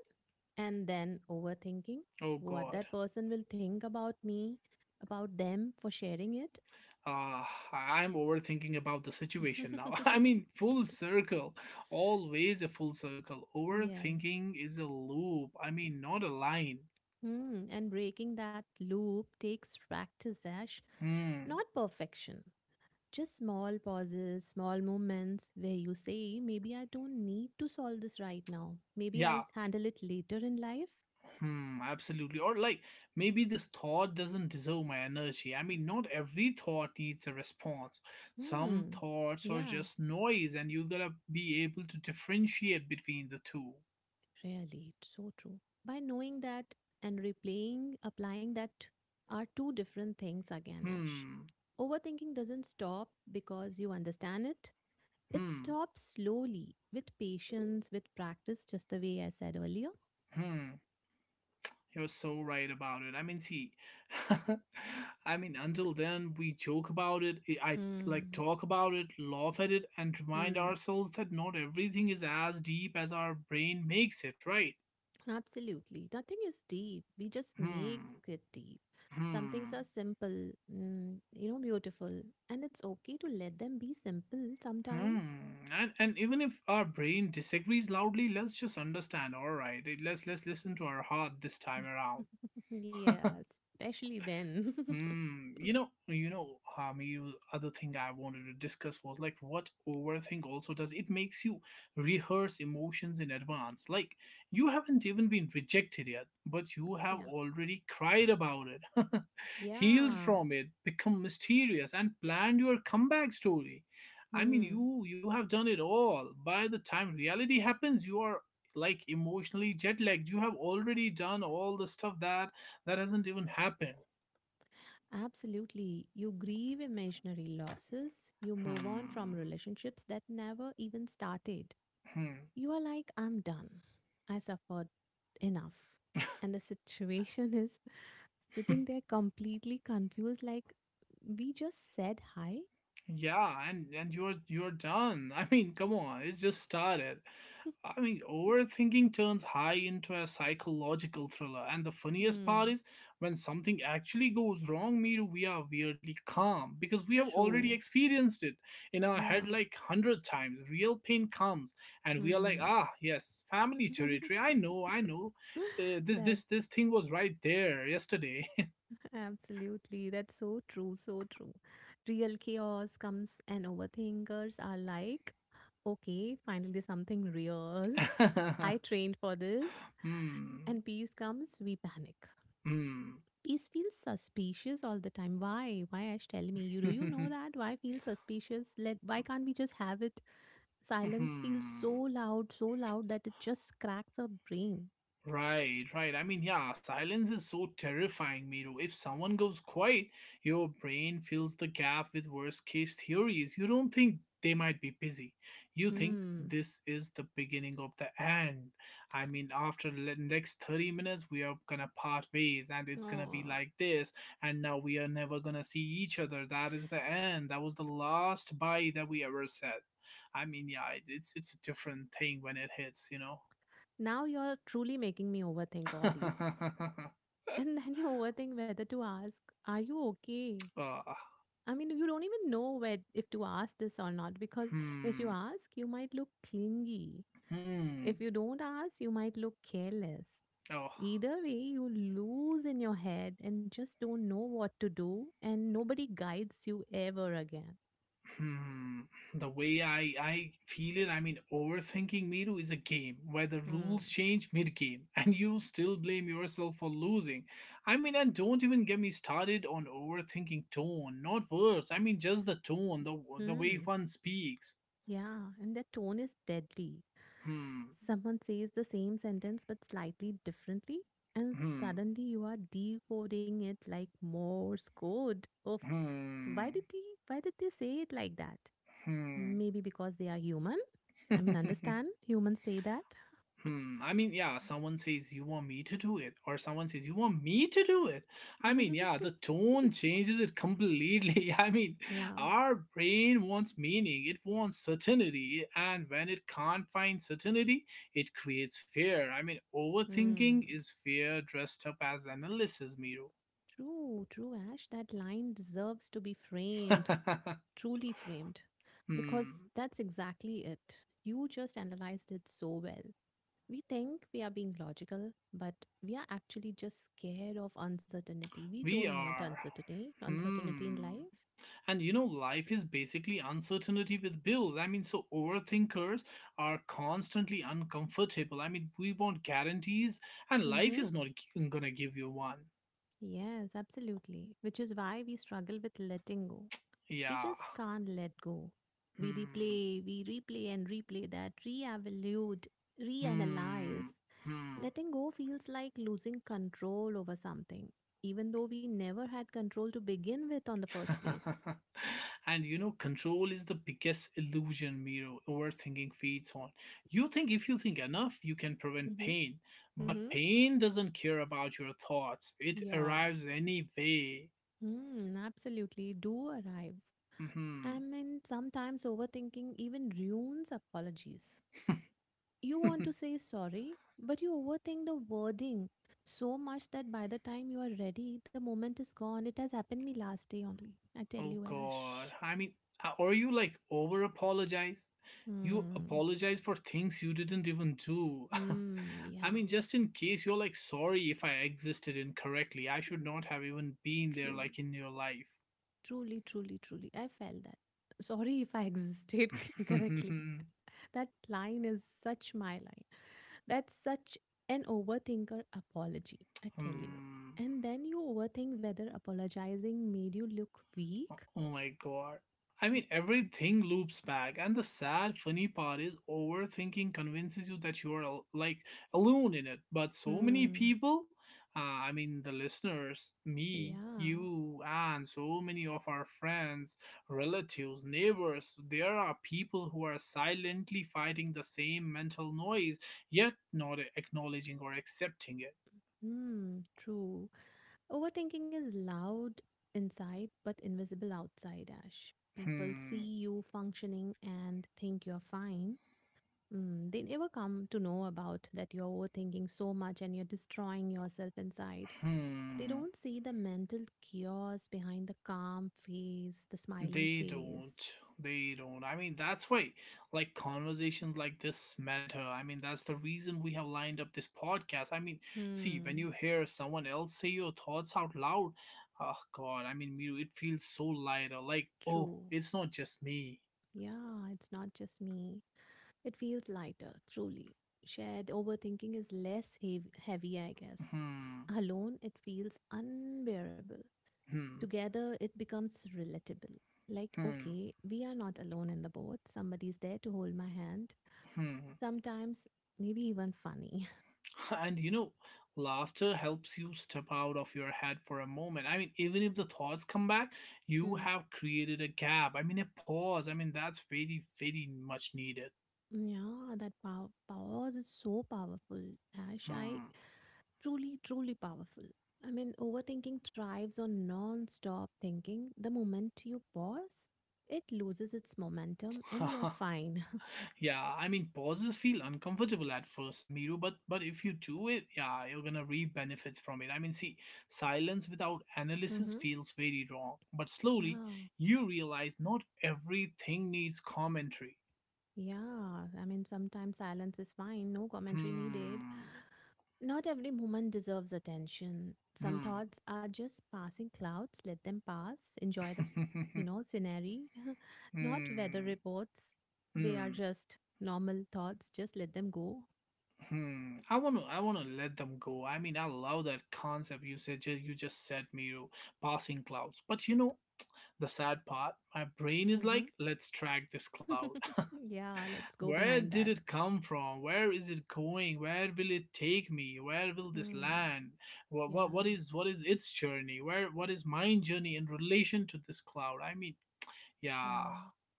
Speaker 2: And then overthinking
Speaker 1: Oh,
Speaker 2: what
Speaker 1: God.
Speaker 2: that person will think about me, about them for sharing it.
Speaker 1: Uh, I'm overthinking about the situation now. I mean, full circle. Always a full circle.
Speaker 2: Yes.
Speaker 1: Overthinking is a loop. I mean, not a line.
Speaker 2: Hmm. And breaking that loop takes practice, Ash,
Speaker 1: Hmm.
Speaker 2: not perfection. Just small pauses, small moments where you say, maybe I don't need to solve this right now. Maybe
Speaker 1: Yeah.
Speaker 2: I'll handle it later in life.
Speaker 1: Hmm. Absolutely. Or, like, maybe this thought doesn't deserve my energy. I mean, not every thought needs a response. Some
Speaker 2: Hmm.
Speaker 1: thoughts are
Speaker 2: Yeah,
Speaker 1: just noise, and you gotta be able to differentiate between the two.
Speaker 2: really. It's so true. By knowing that and replaying, applying that are two different things again, Ash.
Speaker 1: Hmm.
Speaker 2: Overthinking doesn't stop because you understand it. It
Speaker 1: Hmm.
Speaker 2: stops slowly with patience, with practice, just the way I said earlier.
Speaker 1: Hmm. You're so right about it. I mean, see, I mean, until then, we joke about it, I I, like
Speaker 2: Hmm.
Speaker 1: talk about it, laugh at it, and remind
Speaker 2: Hmm.
Speaker 1: ourselves that not everything is as deep as our brain makes it, right?
Speaker 2: Absolutely. Nothing is deep. We just make
Speaker 1: Hmm,
Speaker 2: it deep. Some things are
Speaker 1: hmm,
Speaker 2: simple, you know, beautiful, and it's okay to let them be simple
Speaker 1: hmm.
Speaker 2: sometimes.
Speaker 1: And even if our brain disagrees loudly, let's just understand, all right? Let's listen to our heart this time around.
Speaker 2: Yeah, especially then.
Speaker 1: Hmm. You know, you other thing I wanted to discuss was like what overthink also does. It makes you rehearse emotions in advance. Like you haven't even been rejected yet, but you have
Speaker 2: Yeah.
Speaker 1: already cried about it, healed
Speaker 2: Yeah.
Speaker 1: from it, become mysterious, and planned your comeback story. I mean,
Speaker 2: Hmm.
Speaker 1: you have done it all. By the time reality happens, you are like emotionally jet lagged. You have already done all the stuff that hasn't even happened.
Speaker 2: Absolutely. You grieve imaginary losses. You move on from
Speaker 1: Hmm.
Speaker 2: relationships that never even started.
Speaker 1: Hmm.
Speaker 2: You are like, I'm done. I suffered enough. And the situation is sitting there completely confused, like, we just said hi?
Speaker 1: Yeah, and you're done. I mean, come on, it's just started. I mean, overthinking turns high into a psychological thriller, and the funniest part
Speaker 2: Hmm,
Speaker 1: is when something actually goes wrong, Miru, we are weirdly calm because we have already
Speaker 2: true.
Speaker 1: experienced it in our head
Speaker 2: Yeah.
Speaker 1: like 100 times. Real pain comes, and we are like,
Speaker 2: Hmm.
Speaker 1: ah, yes, family territory. I know, I know. Uh, this
Speaker 2: That
Speaker 1: this this thing was right there yesterday.
Speaker 2: absolutely, that's so true, so true. Real chaos comes and overthinkers are like, okay, finally something real. I trained for this.
Speaker 1: Hmm.
Speaker 2: And peace comes, we panic.
Speaker 1: 嗯，
Speaker 2: Peace feels suspicious all the time. Why? Why, Ash? Tell me.
Speaker 1: 哼
Speaker 2: You
Speaker 1: 哼
Speaker 2: know
Speaker 1: 哼，
Speaker 2: that? Why feel suspicious? Let Why can't we just have it?
Speaker 1: 嗯
Speaker 2: Silence feels
Speaker 1: 哼。
Speaker 2: so loud that it just cracks our brain.
Speaker 1: Right, right. I mean, yeah, silence is so terrifying, Miro. If someone goes quiet, your brain fills the gap with worst case theories. You don't think they might be busy. You think
Speaker 2: Hmm.
Speaker 1: this is the beginning of the end. I mean, after the next 30 minutes, we are gonna part ways and it's gonna be
Speaker 2: Oh.
Speaker 1: like this. And now we are never gonna see each other. That is the end. That was the last bye that we ever said. I mean, yeah, it's a different thing when it hits, you know.
Speaker 2: Now you're truly making me overthink all these. And then you overthink whether to ask, are you okay?
Speaker 1: Oh,
Speaker 2: I mean, you don't even know where if to ask this or not, because if you
Speaker 1: hmm,
Speaker 2: ask, you might look clingy.
Speaker 1: hmm,
Speaker 2: If you don't ask, you might look careless.
Speaker 1: oh,
Speaker 2: Either way, you lose in your head and just don't know what to do, and nobody guides you ever again.
Speaker 1: hmm. The way I feel it, I mean, overthinking Miru is a game where the
Speaker 2: Hmm.
Speaker 1: rules change mid-game, and you still blame yourself for losing. I mean, and don't even get me started on overthinking tone, not words. I mean, just the tone, the way
Speaker 2: Hmm.
Speaker 1: one speaks.
Speaker 2: Yeah, and their tone is deadly.
Speaker 1: Hmm,
Speaker 2: Someone says the same sentence but slightly differently, and
Speaker 1: hmm,
Speaker 2: suddenly you are decoding it like Morse code. Of why
Speaker 1: hmm,
Speaker 2: did he? Why did they say it like that?
Speaker 1: hmm.
Speaker 2: Maybe because they are human. I mean, understand? Humans say that.
Speaker 1: Hmm. I mean, yeah, someone says, you want me to do it? Or someone says, you want me to do it? I mean, yeah, the tone changes it completely. I mean,
Speaker 2: Yeah.
Speaker 1: our brain wants meaning, it wants certainty. And when it can't find certainty, it creates fear. I mean, overthinking
Speaker 2: Hmm.
Speaker 1: is fear dressed up as analysis, Miro.
Speaker 2: True, true, Ash. That line deserves to be framed, truly framed,
Speaker 1: Hmm.
Speaker 2: because that's exactly it. You just analyzed it so well. We think we are being logical, but we are actually just scared of uncertainty. We
Speaker 1: We
Speaker 2: don't want
Speaker 1: are.
Speaker 2: uncertainty, uncertainty in
Speaker 1: Hmm.
Speaker 2: life.
Speaker 1: And you know, life is basically uncertainty with bills. I mean, so overthinkers are constantly uncomfortable. I mean, we want guarantees, and life
Speaker 2: Mm-hmm.
Speaker 1: is not gonna give you one.
Speaker 2: Yes, absolutely. Which is why we struggle with letting go. We
Speaker 1: Yeah.
Speaker 2: just can't let go.
Speaker 1: Hmm.
Speaker 2: We replay and replay that, re-evaluate,
Speaker 1: Hmm.
Speaker 2: reanalyze.
Speaker 1: Hmm.
Speaker 2: Letting go feels like losing control over something, even though we never had control to begin with on the first place.
Speaker 1: And you know, control is the biggest illusion, Miro, overthinking feeds on. You think if you think enough, you can prevent
Speaker 2: Mm-hmm.
Speaker 1: pain, but
Speaker 2: Mm-hmm.
Speaker 1: pain doesn't care about your thoughts, it
Speaker 2: Yeah.
Speaker 1: arrives anyway.
Speaker 2: Absolutely. Do arrives. I
Speaker 1: Hmm.
Speaker 2: mean, sometimes overthinking even ruins apologies. You want to say sorry, but you overthink the wording so much that by the time you are ready, the moment is gone. It has happened me last day only. I tell
Speaker 1: Oh
Speaker 2: you,
Speaker 1: God.
Speaker 2: Ash.
Speaker 1: I mean, or you like over apologize. You
Speaker 2: Hmm.
Speaker 1: apologize for things you didn't even do.
Speaker 2: Hmm.
Speaker 1: I
Speaker 2: Yeah.
Speaker 1: mean, just in case you're like, sorry if I existed incorrectly. I should not have even been there, like
Speaker 2: Truly.
Speaker 1: in your life.
Speaker 2: Truly, truly, truly. I felt that. Sorry if I existed incorrectly. That line is such my line. That's such an overthinker apology, I tell you.
Speaker 1: Hmm.
Speaker 2: And then you overthink whether apologizing made you look weak.
Speaker 1: Oh my God. I
Speaker 2: Should,
Speaker 1: mean, everything loops back, and the sad, funny part is overthinking convinces you that you are like alone in it. But so many
Speaker 2: hmm.
Speaker 1: people, uh, I mean, the listeners, me,
Speaker 2: Yeah.
Speaker 1: you, and so many of our friends, relatives, neighbors, there are people who are silently fighting the same mental noise, yet not acknowledging or accepting it.
Speaker 2: Hmm. True. Overthinking is loud inside but invisible outside, Ash. People
Speaker 1: Hmm.
Speaker 2: see you functioning and think you're fine. They never come to know about that you're overthinking so much and you're destroying yourself inside. They
Speaker 1: Hmm.
Speaker 2: don't see the mental chaos behind the calm face, the smiling
Speaker 1: They don't.
Speaker 2: face.
Speaker 1: They don't. I mean, that's why, like, conversations like this matter. I mean, that's the reason we have lined up this podcast. I mean, see, when you
Speaker 2: Hmm.
Speaker 1: hear someone else say your thoughts out loud, oh, God, I mean, Miru, it feels so lighter. Like, oh,
Speaker 2: True.
Speaker 1: it's not just me.
Speaker 2: Yeah, it's not just me. It feels lighter, truly. Shared overthinking is less heavy, I guess.
Speaker 1: Hmm,
Speaker 2: Alone, it feels unbearable.
Speaker 1: hmm,
Speaker 2: Together, it becomes relatable. Like,
Speaker 1: hmm,
Speaker 2: okay, we are not alone in the boat. Somebody's there to hold my hand.
Speaker 1: hmm.
Speaker 2: Sometimes, maybe even funny.
Speaker 1: And you know, laughter helps you step out of your head for a moment. I mean, even if the thoughts come back, you
Speaker 2: Hmm.
Speaker 1: have created a gap. I mean, a pause. I mean, that's very, very much needed.
Speaker 2: Yeah, that pause is so powerful. Ash, I.
Speaker 1: Hmm.
Speaker 2: Truly, truly powerful. I mean, overthinking thrives on non stop thinking. The moment you pause, it loses its momentum and you are fine.
Speaker 1: Yeah, I mean, pauses feel uncomfortable at first, Miru, but if you do it, yeah, you're gonna reap benefits from it. I mean, see, silence without analysis
Speaker 2: Hmm.
Speaker 1: feels very wrong, but
Speaker 2: Yeah.
Speaker 1: slowly you realize not everything needs commentary.
Speaker 2: Yeah. I mean, sometimes silence is fine, no commentary needed.
Speaker 1: Hmm.
Speaker 2: Not every moment deserves attention. Some thoughts are just passing clouds. Let them pass. Enjoy the, you
Speaker 1: Hmm.
Speaker 2: know, scenery. Not weather
Speaker 1: Hmm.
Speaker 2: reports. They are
Speaker 1: Hmm.
Speaker 2: just normal thoughts. Just let them go.
Speaker 1: Hmm. I wanna let them go. I mean, I love that concept you said, you just said, Miru, passing clouds. But you know, the sad part, my brain is
Speaker 2: Mm-hmm.
Speaker 1: like, let's track this cloud.
Speaker 2: Yeah, let's go
Speaker 1: Where
Speaker 2: behind
Speaker 1: did
Speaker 2: that.
Speaker 1: it come from? Where is it going? Where will it take me? Where will this
Speaker 2: Hmm.
Speaker 1: land? What what
Speaker 2: Yeah,
Speaker 1: what is what is its journey? Where What is my journey in relation to this cloud? I mean, yeah.
Speaker 2: yeah,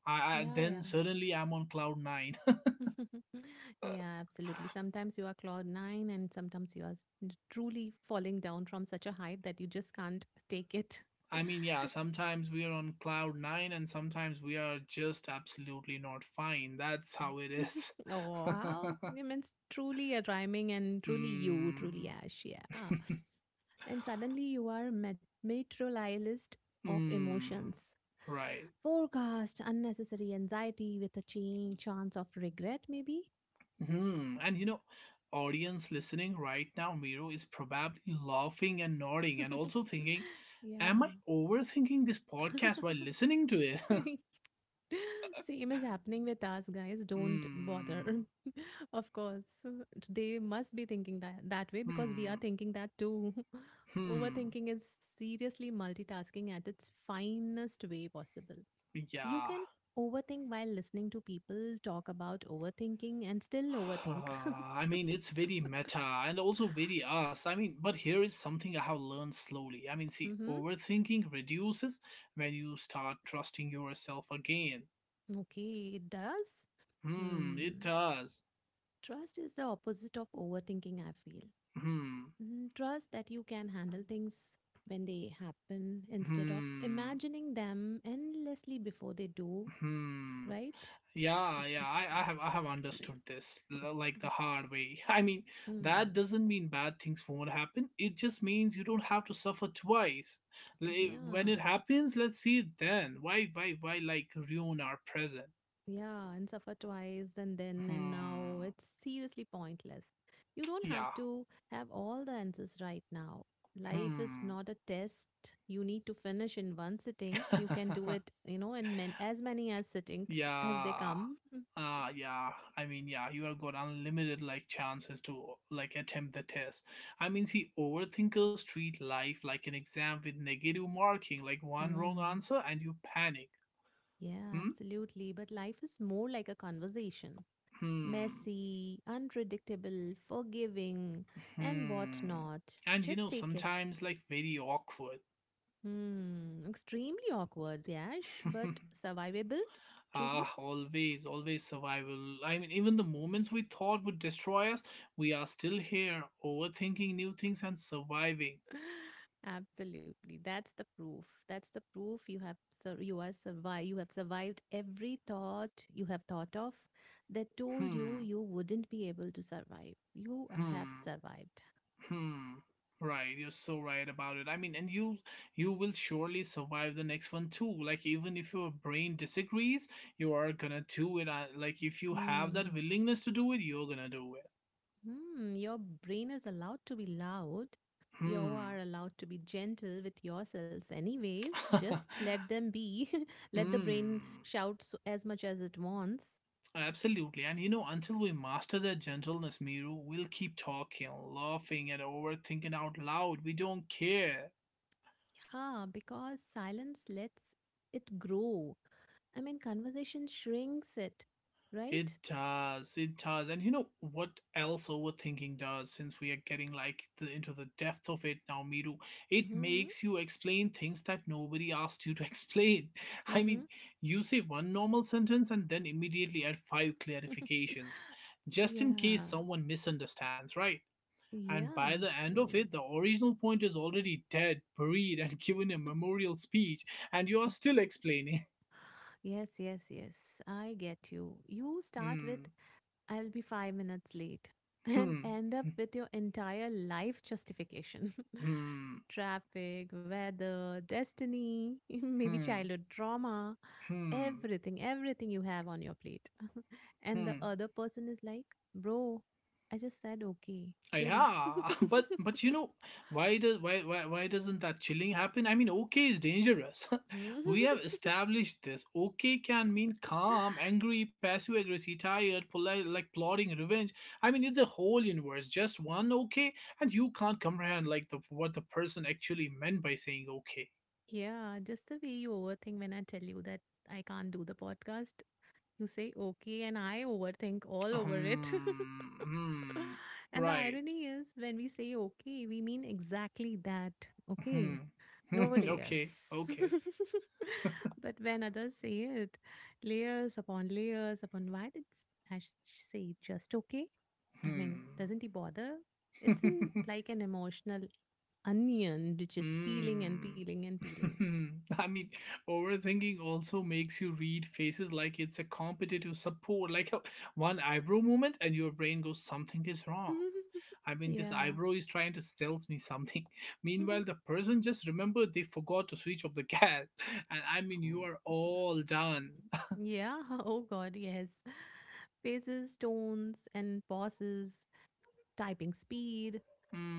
Speaker 1: I
Speaker 2: yeah,
Speaker 1: then
Speaker 2: yeah.
Speaker 1: suddenly I'm on cloud nine.
Speaker 2: Yeah, absolutely. Sometimes you are cloud nine, and sometimes you are truly falling down from such a height that you just can't take it.
Speaker 1: I mean, yeah, sometimes we are on cloud nine and sometimes we are just absolutely not fine. That's how it is.
Speaker 2: Oh, how. I mean, it's truly a rhyming and truly you, truly
Speaker 1: Mm.
Speaker 2: Ash. Yeah. Ah. And suddenly you are materialist of
Speaker 1: Mm.
Speaker 2: emotions.
Speaker 1: Right.
Speaker 2: Forecast unnecessary anxiety with a chain chance of regret, maybe.
Speaker 1: Hmm. And you know, audience listening right now, Miro, is probably laughing and nodding and also thinking,
Speaker 2: Yeah.
Speaker 1: am I overthinking this podcast while listening to it?
Speaker 2: Same is happening with us, guys. Don't bother.
Speaker 1: Hmm.
Speaker 2: Of course, they must be thinking that that way because we are
Speaker 1: Hmm.
Speaker 2: thinking that too.
Speaker 1: Hmm.
Speaker 2: Overthinking is seriously multitasking at its finest way possible. You
Speaker 1: Yeah.
Speaker 2: can overthink while listening to people talk about overthinking and still overthink.
Speaker 1: I mean, it's very meta and also very us. I mean, but here is something I have learned slowly. I mean, see,
Speaker 2: Hmm.
Speaker 1: overthinking reduces when you start trusting yourself again.
Speaker 2: Okay, it does.
Speaker 1: Hmm,
Speaker 2: Hmm.
Speaker 1: it does.
Speaker 2: Trust is the opposite of overthinking, I feel.
Speaker 1: Hmm,
Speaker 2: Trust that you can handle things when they happen instead of
Speaker 1: hmm,
Speaker 2: imagining them endlessly before they do,
Speaker 1: hmm.
Speaker 2: right?
Speaker 1: Yeah, yeah, I have understood this like the hard way. I mean,
Speaker 2: Mm,
Speaker 1: that doesn't mean bad things won't happen. It just means you don't have to suffer twice.
Speaker 2: yeah,
Speaker 1: When it happens, let's see it then. Why like ruin our present?
Speaker 2: yeah, and suffer twice and then and now.
Speaker 1: Hmm.
Speaker 2: It's seriously pointless. You don't have
Speaker 1: Yeah.
Speaker 2: to have all the answers right now. Life is
Speaker 1: Hmm.
Speaker 2: not a test you need to finish in one sitting. You can do it, you know, in as many as sittings as they
Speaker 1: Yeah.
Speaker 2: come.
Speaker 1: Ah, yeah. I mean, yeah, you have got unlimited like chances to like attempt the test. I mean, see, overthinkers treat life like an exam with negative marking, like one wrong
Speaker 2: Mm.
Speaker 1: answer and you panic.
Speaker 2: Yeah,
Speaker 1: Hmm,
Speaker 2: absolutely. But life is more like a conversation,
Speaker 1: hmm,
Speaker 2: messy, unpredictable, forgiving, and
Speaker 1: hmm.
Speaker 2: whatnot.
Speaker 1: And you
Speaker 2: Just
Speaker 1: know,
Speaker 2: take it.
Speaker 1: sometimes like very awkward.
Speaker 2: Hmm, extremely awkward, Yash, but survivable,
Speaker 1: Ah,
Speaker 2: truly.
Speaker 1: always, always survival. I mean, even the moments we thought would destroy us, we are still here, overthinking new things and surviving.
Speaker 2: Absolutely. That's the proof. That's the proof you have you are survived. You have survived every thought you have thought of that told
Speaker 1: Hmm,
Speaker 2: you you wouldn't be able to survive. Have
Speaker 1: hmm.
Speaker 2: survived.
Speaker 1: Hmm. Right, you're so right about it. I mean, and you will surely survive the next one too. Like even if your brain disagrees, you are gonna do it. Like if you have that
Speaker 2: Hmm.
Speaker 1: willingness to do it, you're gonna do it.
Speaker 2: Hmm, your brain is allowed to be loud. You
Speaker 1: Hmm.
Speaker 2: are allowed to be gentle with yourselves, anyways. Just let them be. Let the brain
Speaker 1: Hmm.
Speaker 2: shout so, as much as it wants.
Speaker 1: Absolutely. And you know, until we master that gentleness, Miru, we'll keep talking, laughing, and overthinking out loud. We don't care.
Speaker 2: Yeah, because silence lets it grow. I mean, conversation shrinks it, right?
Speaker 1: It does. It does. And you know what else overthinking does since we are getting like into the depth of it now, Miru? It
Speaker 2: Hmm.
Speaker 1: makes you explain things that nobody asked you to explain. I
Speaker 2: Mm-hmm.
Speaker 1: mean, you say one normal sentence and then immediately add five clarifications just in
Speaker 2: Yeah.
Speaker 1: case someone misunderstands, right? And by
Speaker 2: Yeah.
Speaker 1: the end of
Speaker 2: True.
Speaker 1: it, the original point is already dead, buried, and given a memorial speech, and you
Speaker 2: Yeah.
Speaker 1: are still explaining.
Speaker 2: Yes, yes, yes. I get you. You start with
Speaker 1: Hmm,
Speaker 2: I'll be 5 minutes late and
Speaker 1: hmm,
Speaker 2: end up with your entire life justification,
Speaker 1: hmm,
Speaker 2: traffic, weather, destiny, maybe
Speaker 1: hmm.
Speaker 2: childhood trauma,
Speaker 1: Hmm.
Speaker 2: everything, everything you have on your plate. And the
Speaker 1: Hmm.
Speaker 2: other person is like, bro, I just said okay, chill.
Speaker 1: Yeah, but but you know why doesn't that chilling happen? I mean, okay is dangerous.
Speaker 2: Hmm?
Speaker 1: We have established this. Okay can mean calm, angry, passive aggressive, tired, polite, like plotting, revenge. I mean, it's a whole universe. Just one okay, and you can't comprehend like the what the person actually meant by saying okay.
Speaker 2: Yeah, just the way you overthink when I tell you that I can't do the podcast. You say okay, and I overthink all over it.
Speaker 1: Hmm. Hmm.
Speaker 2: And the
Speaker 1: Right.
Speaker 2: irony is, when we say okay, we mean exactly that.
Speaker 1: Hmm.
Speaker 2: Okay, no layers.
Speaker 1: Okay. Okay.
Speaker 2: But when others say it, layers upon why did Ash say just okay? I
Speaker 1: Hmm.
Speaker 2: mean, doesn't he bother? It's in like an emotional onion which is peeling and
Speaker 1: Mm.
Speaker 2: peeling and peeling.
Speaker 1: I mean, overthinking also makes you read faces like it's a competitive support, like a one eyebrow movement, and your brain goes, something is wrong. I mean, this
Speaker 2: Yeah.
Speaker 1: eyebrow is trying to tell me something. Meanwhile, the person just remembered they forgot to switch off the gas. And I mean, you are
Speaker 2: Oh.
Speaker 1: all done.
Speaker 2: Yeah, oh God, yes. Faces, tones, and pauses, typing speed.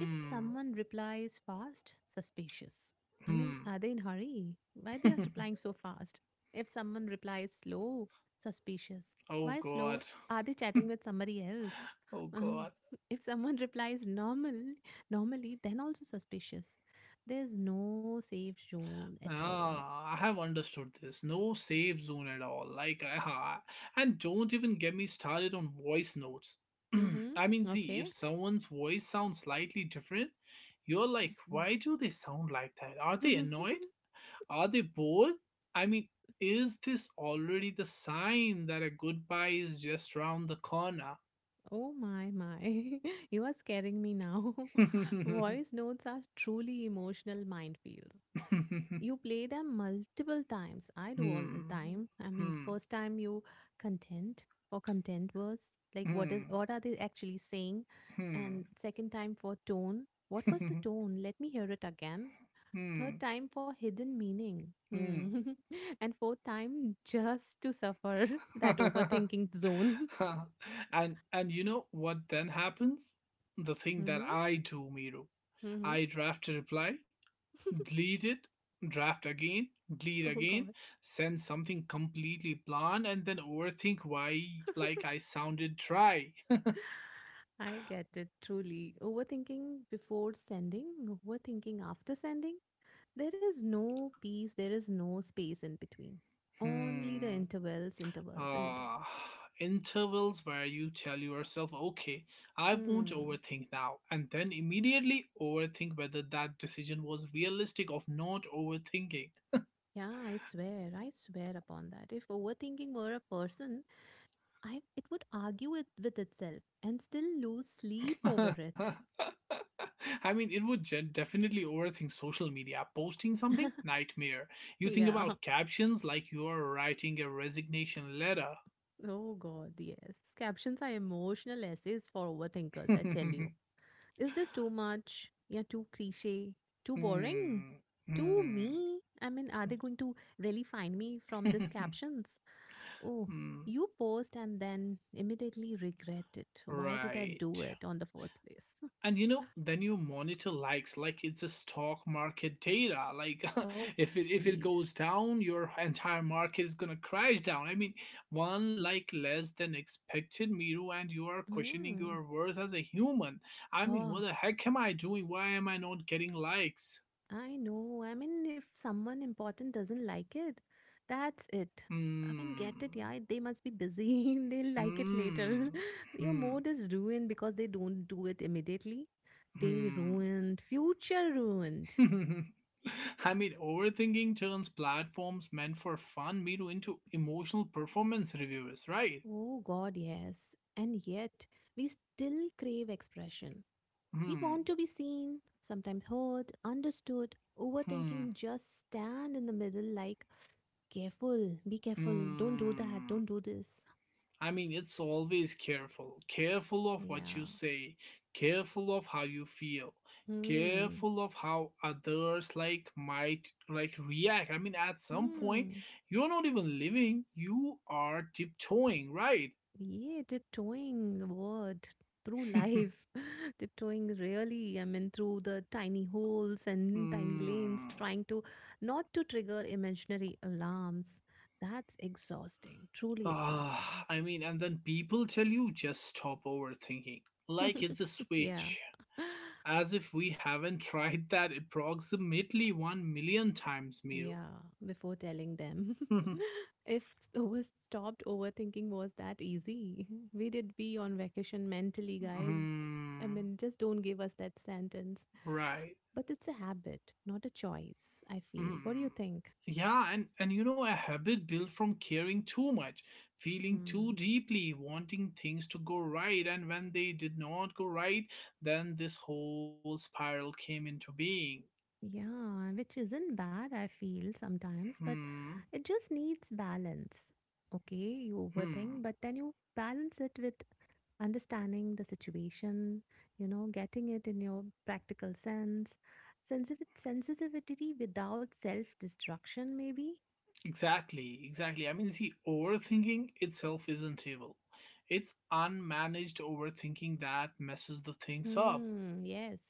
Speaker 2: If someone replies fast, suspicious. I mean,
Speaker 1: Hmm.
Speaker 2: are they in hurry? Why they are replying so fast? If someone replies slow, suspicious.
Speaker 1: Oh,
Speaker 2: Why slow?
Speaker 1: God.
Speaker 2: Are they chatting with somebody else?
Speaker 1: Oh,
Speaker 2: Um,
Speaker 1: God.
Speaker 2: if someone replies normal, normally, then also suspicious. There's no safe zone at all.
Speaker 1: Ah, I have understood this. No safe zone at all. Like, ah, and don't even get me started on voice notes. I mean,
Speaker 2: Mm-hmm.
Speaker 1: see, if
Speaker 2: Okay.
Speaker 1: someone's voice sounds slightly different, you're like, why do they sound like that? Are they annoyed? Are they bored? I mean, is this already the sign that a goodbye is just round the corner?
Speaker 2: Oh my, my. You are scaring me now.
Speaker 1: Hmm,
Speaker 2: Voice notes are truly emotional minefields. You play them multiple times. I do all the time. I mean,
Speaker 1: hmm,
Speaker 2: first time you content for content was like what is
Speaker 1: hmm,
Speaker 2: what are they actually saying?
Speaker 1: hmm,
Speaker 2: And second time for tone. What was the tone? Let me hear it again. Third
Speaker 1: hmm,
Speaker 2: time for hidden meaning.
Speaker 1: hmm.
Speaker 2: Hmm. And fourth time just to suffer that overthinking zone.
Speaker 1: And you know what then happens? The thing that
Speaker 2: Mm-hmm.
Speaker 1: I do, Miro.
Speaker 2: Mm-hmm.
Speaker 1: I draft a reply, delete it, draft again, delete
Speaker 2: Oh
Speaker 1: again,
Speaker 2: God.
Speaker 1: send something completely bland, and then overthink why like I sounded dry.
Speaker 2: I get it truly. Overthinking before sending, overthinking after sending. There is no peace, there is no space in between. Only the
Speaker 1: Hmm.
Speaker 2: intervals, intervals, and intervals.
Speaker 1: Ah, intervals where you tell yourself, okay, I won't
Speaker 2: Hmm.
Speaker 1: overthink now, and then immediately overthink whether that decision was realistic of not overthinking.
Speaker 2: Yeah, I swear upon that. If overthinking were a person, I it would argue it with itself and still lose sleep over it.
Speaker 1: I mean, it would definitely overthink social media. Posting something? Nightmare. You think
Speaker 2: Yeah.
Speaker 1: about captions like you are writing a resignation letter.
Speaker 2: Oh God, yes. Captions are emotional essays for overthinkers, I tell
Speaker 1: Hmm.
Speaker 2: you. Is this too much? Yeah, too cliche, too boring, too
Speaker 1: Hmm.
Speaker 2: me. I mean, are they going to really find me from these captions? Oh,
Speaker 1: Hmm.
Speaker 2: you post and then immediately regret it. Why did I
Speaker 1: Right.
Speaker 2: do it on the first place?
Speaker 1: And you know, then you monitor likes like it's a stock market data. Like
Speaker 2: Oh,
Speaker 1: if it
Speaker 2: please.
Speaker 1: goes down, your entire market is gonna crash down. I mean, one like less than expected, Miru, and you are questioning
Speaker 2: Hmm.
Speaker 1: your worth as a human. I mean, what
Speaker 2: Oh,
Speaker 1: the heck am I doing? Why am I not getting likes?
Speaker 2: I know. I mean, if someone important doesn't like it, that's it. I mean, get it,
Speaker 1: Hmm.
Speaker 2: yeah. They must be busy. They'll like it later.
Speaker 1: Hmm.
Speaker 2: Your
Speaker 1: Hmm.
Speaker 2: mood is ruined because they don't do it immediately. Day
Speaker 1: Hmm.
Speaker 2: ruined, future ruined.
Speaker 1: I mean, overthinking turns platforms meant for fun media into emotional performance reviewers, right?
Speaker 2: Oh God, yes. And yet, we still crave expression. We
Speaker 1: Hmm,
Speaker 2: want to be seen, sometimes heard, understood.
Speaker 1: hmm,
Speaker 2: Overthinking just stand in the middle like, careful, be careful, don't do that, don't
Speaker 1: hmm.
Speaker 2: do this.
Speaker 1: I mean, it's always careful. Careful of what you
Speaker 2: Yeah.
Speaker 1: say, careful of how you feel,
Speaker 2: Hmm.
Speaker 1: careful of how others like might like react. I mean, at some point,
Speaker 2: Hmm.
Speaker 1: you're not even living, you are tiptoeing, right?
Speaker 2: Yeah, tiptoeing the word through life, tiptoeing really, I mean, through the tiny holes and tiny lanes,
Speaker 1: Hmm.
Speaker 2: trying to not to trigger imaginary alarms. That's exhausting, truly exhausting.
Speaker 1: Ah, I mean, and then people tell you just stop overthinking. Like it's a
Speaker 2: Yeah.
Speaker 1: switch. As if we haven't tried that approximately 1 million times, Miro.
Speaker 2: Yeah, before telling them. If over stopped overthinking was that easy, we did be on vacation mentally, guys. I
Speaker 1: Mhm.
Speaker 2: mean, just don't give us that sentence.
Speaker 1: Right.
Speaker 2: But it's a habit, not a choice, I feel. What do you
Speaker 1: Mhm.
Speaker 2: think?
Speaker 1: Yeah, and you know, a habit built from caring too much, feeling too
Speaker 2: Hmm.
Speaker 1: deeply, wanting things to go right, and when they did not go right, then this whole spiral came into being.
Speaker 2: Yeah, which isn't bad, I feel sometimes, but
Speaker 1: Hmm.
Speaker 2: it just needs balance. Okay, you overthink,
Speaker 1: Hmm.
Speaker 2: but then you balance it with understanding the situation, you know, getting it in your practical sense, sensitive sensitivity without self-destruction, maybe.
Speaker 1: Exactly, exactly. I mean, see, overthinking itself isn't evil. It's unmanaged overthinking that messes the things up.
Speaker 2: Hmm, yes,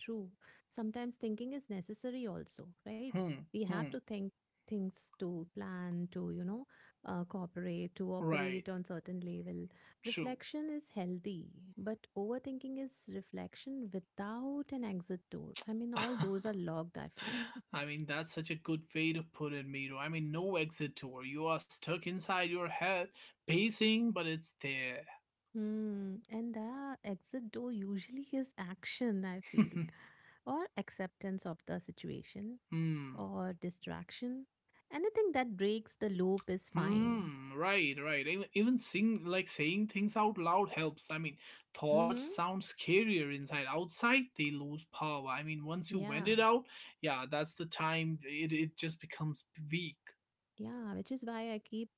Speaker 2: true. Sometimes thinking is necessary also, right?
Speaker 1: Hmm,
Speaker 2: We have
Speaker 1: hmm,
Speaker 2: to think things to plan, to, you know, cooperate, to
Speaker 1: right,
Speaker 2: operate on certain level.
Speaker 1: true.
Speaker 2: Reflection is healthy, but overthinking is reflection without an exit door. I mean, all doors are locked, I feel.
Speaker 1: I mean, that's such a good way to put it, Miro. I mean, no exit door. You are stuck inside your head, pacing, but it's there.
Speaker 2: Hmm. And the exit door usually is action, I feel, or acceptance of the situation,
Speaker 1: Hmm.
Speaker 2: or distraction. Anything that breaks the loop is fine.
Speaker 1: Hmm, right, right. Even even sing like saying things out loud helps. I mean, thoughts
Speaker 2: Mm-hmm.
Speaker 1: sound scarier inside. Outside, they lose power. I mean, once you vent
Speaker 2: Yeah,
Speaker 1: it out, yeah, that's the time it just becomes weak.
Speaker 2: yeah, which is why I keep,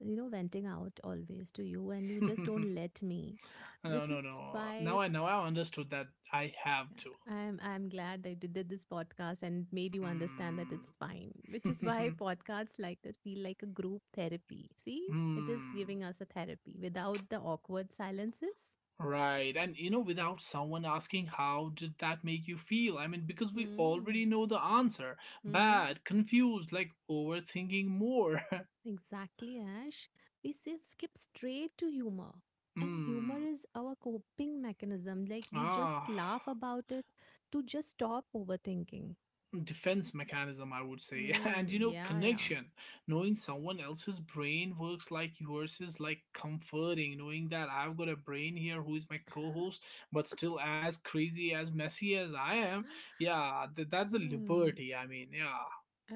Speaker 2: you know, venting out always to you, and you
Speaker 1: No,
Speaker 2: just don't let me,
Speaker 1: no,
Speaker 2: which is
Speaker 1: no.
Speaker 2: why
Speaker 1: Now I understood that I have to.
Speaker 2: Yeah, I'm glad that you did this podcast and it made you understand that
Speaker 1: Hmm.
Speaker 2: it's fine, which is why podcasts like this feel like a group therapy. See, it is
Speaker 1: Hmm.
Speaker 2: giving us a therapy without the awkward silences.
Speaker 1: Right, and you know, without someone asking, how did that make you feel? I mean, because we already
Speaker 2: Mm.
Speaker 1: know the answer
Speaker 2: Mm-hmm.
Speaker 1: bad, confused, like overthinking more.
Speaker 2: Exactly, Ash. We say skip straight to humor. And humor
Speaker 1: Hmm.
Speaker 2: is our coping mechanism. Like we
Speaker 1: Ah.
Speaker 2: just laugh about it to just stop overthinking.
Speaker 1: Defense mechanism, I would say. And
Speaker 2: Mm,
Speaker 1: you know,
Speaker 2: yeah, yeah.
Speaker 1: connection. Knowing someone else's brain works like yours is like comforting. Knowing that I've got a brain here who is my co host, but still as crazy, as messy as I am. Yeah, that's a
Speaker 2: Hmm.
Speaker 1: liberty. I mean, yeah,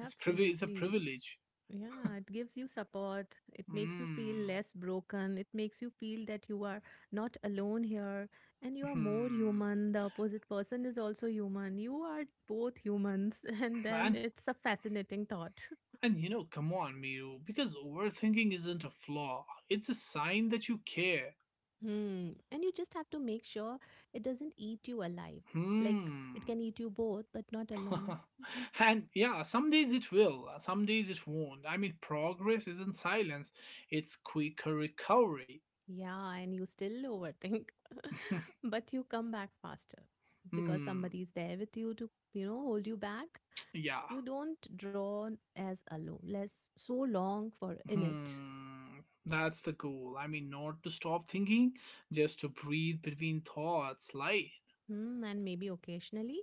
Speaker 1: it's a privilege.
Speaker 2: Yeah, it gives you support. It makes you feel
Speaker 1: Mm.
Speaker 2: less broken. It makes you feel that you are not alone here and you are more
Speaker 1: Hmm.
Speaker 2: human. The opposite person is also human. You are both humans. And then
Speaker 1: And
Speaker 2: it's a fascinating thought.
Speaker 1: and you know, come on, Miru, because overthinking isn't a flaw. It's a sign that you care.
Speaker 2: Hmm. And you just have to make sure it doesn't eat you alive. Like
Speaker 1: Hmm.
Speaker 2: it can eat you both, but not alone.
Speaker 1: And yeah, some days it will, some days it won't. I mean, progress isn't silence, it's quicker recovery.
Speaker 2: Yeah, and you still overthink, but you come back faster because
Speaker 1: Hmm,
Speaker 2: somebody is there with you to, you know, hold you back.
Speaker 1: yeah.
Speaker 2: You don't draw as alone less so long for in it.
Speaker 1: Hmm, that's the goal. I mean, not to stop thinking, just to breathe between thoughts, light.
Speaker 2: Hmm, and maybe occasionally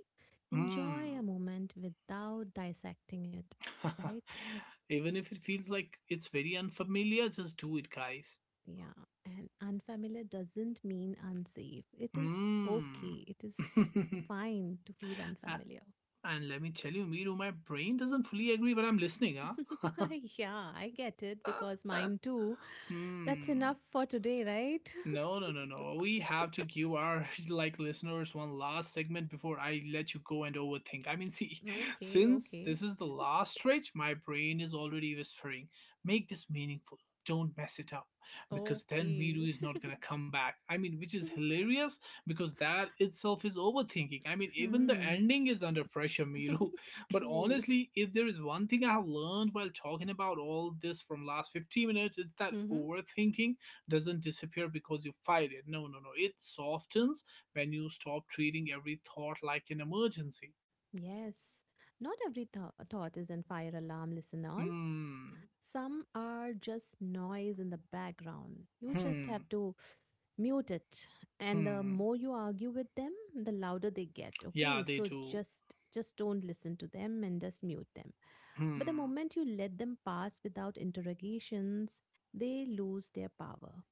Speaker 2: enjoy
Speaker 1: Hmm.
Speaker 2: a moment without dissecting it, right?
Speaker 1: Even if it feels like it's very unfamiliar, just do it, guys.
Speaker 2: Yeah, and unfamiliar doesn't mean unsafe. It is
Speaker 1: Hmm.
Speaker 2: okay, it is
Speaker 1: A-
Speaker 2: fine to feel unfamiliar.
Speaker 1: and let me tell you, Miru, my brain doesn't fully agree, but I'm listening, huh?
Speaker 2: Yeah, I get it because mine too. That's enough
Speaker 1: Hmm.
Speaker 2: for today, right?
Speaker 1: No, no, no, no. We have to give our like listeners one last segment before I let you go and overthink. I mean, see,
Speaker 2: Okay,
Speaker 1: since
Speaker 2: okay,
Speaker 1: this is the last stretch, my brain is already whispering, make this meaningful. Don't mess it up because then Miru
Speaker 2: okay.
Speaker 1: is not going to come back. I mean, which is hilarious because that itself is overthinking. I mean, even the
Speaker 2: Hmm.
Speaker 1: ending is under pressure, Miru. But
Speaker 2: True.
Speaker 1: honestly, if there is one thing I have learned while talking about all this from last 15 minutes, it's that
Speaker 2: Mm-hmm.
Speaker 1: overthinking doesn't disappear because you fight it. No, no, no. It softens when you stop treating every thought like an emergency.
Speaker 2: Yes. Not every thought is in fire alarm, listeners.
Speaker 1: Hmm,
Speaker 2: Some are just noise in the background. You just
Speaker 1: hmm,
Speaker 2: have to mute it. And the
Speaker 1: hmm.
Speaker 2: more you argue with them, the louder they get.
Speaker 1: Yeah,
Speaker 2: Okay.
Speaker 1: they
Speaker 2: So
Speaker 1: do.
Speaker 2: just don't listen to them and just mute them. But the
Speaker 1: Hmm,
Speaker 2: moment you let them pass without interrogations, they lose their power.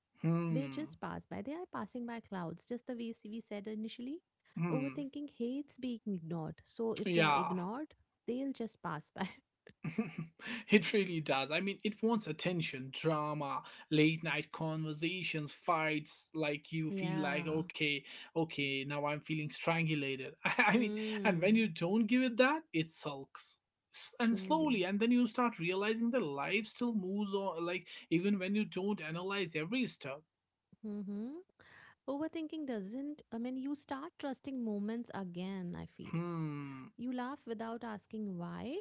Speaker 2: They
Speaker 1: hmm,
Speaker 2: just pass by. They are passing by clouds, just the way we said initially.
Speaker 1: hmm.
Speaker 2: Overthinking hates being ignored. So if they are
Speaker 1: Yeah.
Speaker 2: ignored, they'll just pass by.
Speaker 1: It really does. I mean, it wants attention, drama, late night conversations, fights. Like you feel like,
Speaker 2: Yeah.
Speaker 1: okay, okay, now I'm feeling strangulated. I mean, and when
Speaker 2: Hmm.
Speaker 1: you don't give it that, it sulks. And
Speaker 2: Truly.
Speaker 1: slowly, and then you start realizing that life still moves on, like even when you don't analyze every step.
Speaker 2: Mm-hmm. Overthinking doesn't, I mean, you start trusting moments again, I feel.
Speaker 1: Hmm,
Speaker 2: You laugh without asking why.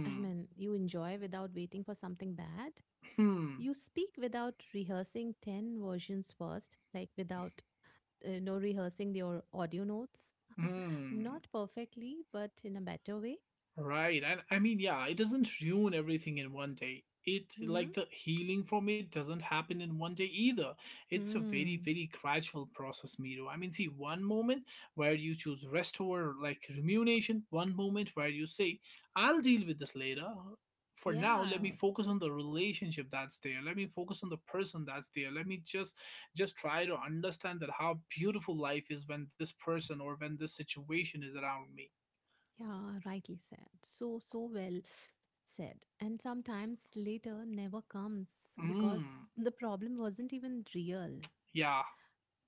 Speaker 2: I mean, you enjoy without waiting for something bad.
Speaker 1: hmm,
Speaker 2: You speak without rehearsing 10 versions first, like without, no rehearsing your audio notes.
Speaker 1: hmm.
Speaker 2: Not perfectly, but in a better way.
Speaker 1: Right. And I mean, yeah, it doesn't ruin everything in one day. It
Speaker 2: Mm-hmm.
Speaker 1: like the healing from it doesn't happen in one day either. It's a very,
Speaker 2: Hmm.
Speaker 1: very gradual process, Miro. I mean, see, one moment where you choose rest over like remuneration, one moment where you say, I'll deal with this later. For now, let me
Speaker 2: Yeah.
Speaker 1: focus on the relationship that's there. Let me focus on the person that's there. Let me just try to understand that how beautiful life is when this person or when this situation is around me.
Speaker 2: Yeah. Rightly said. So, so well said. And sometimes later never comes
Speaker 1: Mm,
Speaker 2: because the problem wasn't even real.
Speaker 1: yeah,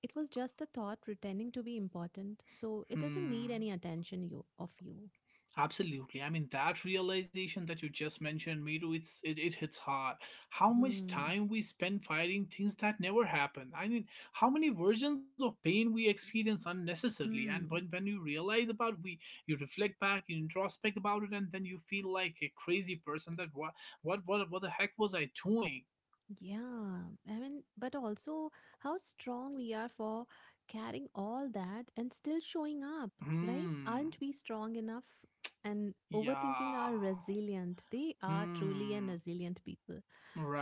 Speaker 2: It was just a thought pretending to be important. So it doesn't need
Speaker 1: hmm.
Speaker 2: any attention you of you.
Speaker 1: Absolutely. I mean, that realization that you just mentioned, Miru, it hits hard. How much
Speaker 2: Hmm.
Speaker 1: time we spend fighting things that never happen. I mean, how many versions of pain we experience unnecessarily. And when
Speaker 2: Hmm.
Speaker 1: when you realize about we, you reflect back, you introspect about it, and then you feel like a crazy person. That what the heck was I doing?
Speaker 2: Yeah, I mean, but also how strong we are for carrying all that and still showing up, right?
Speaker 1: Hmm.
Speaker 2: Aren't we strong enough? And overthinking
Speaker 1: Yeah.
Speaker 2: are resilient. They are truly an
Speaker 1: Hmm.
Speaker 2: resilient people.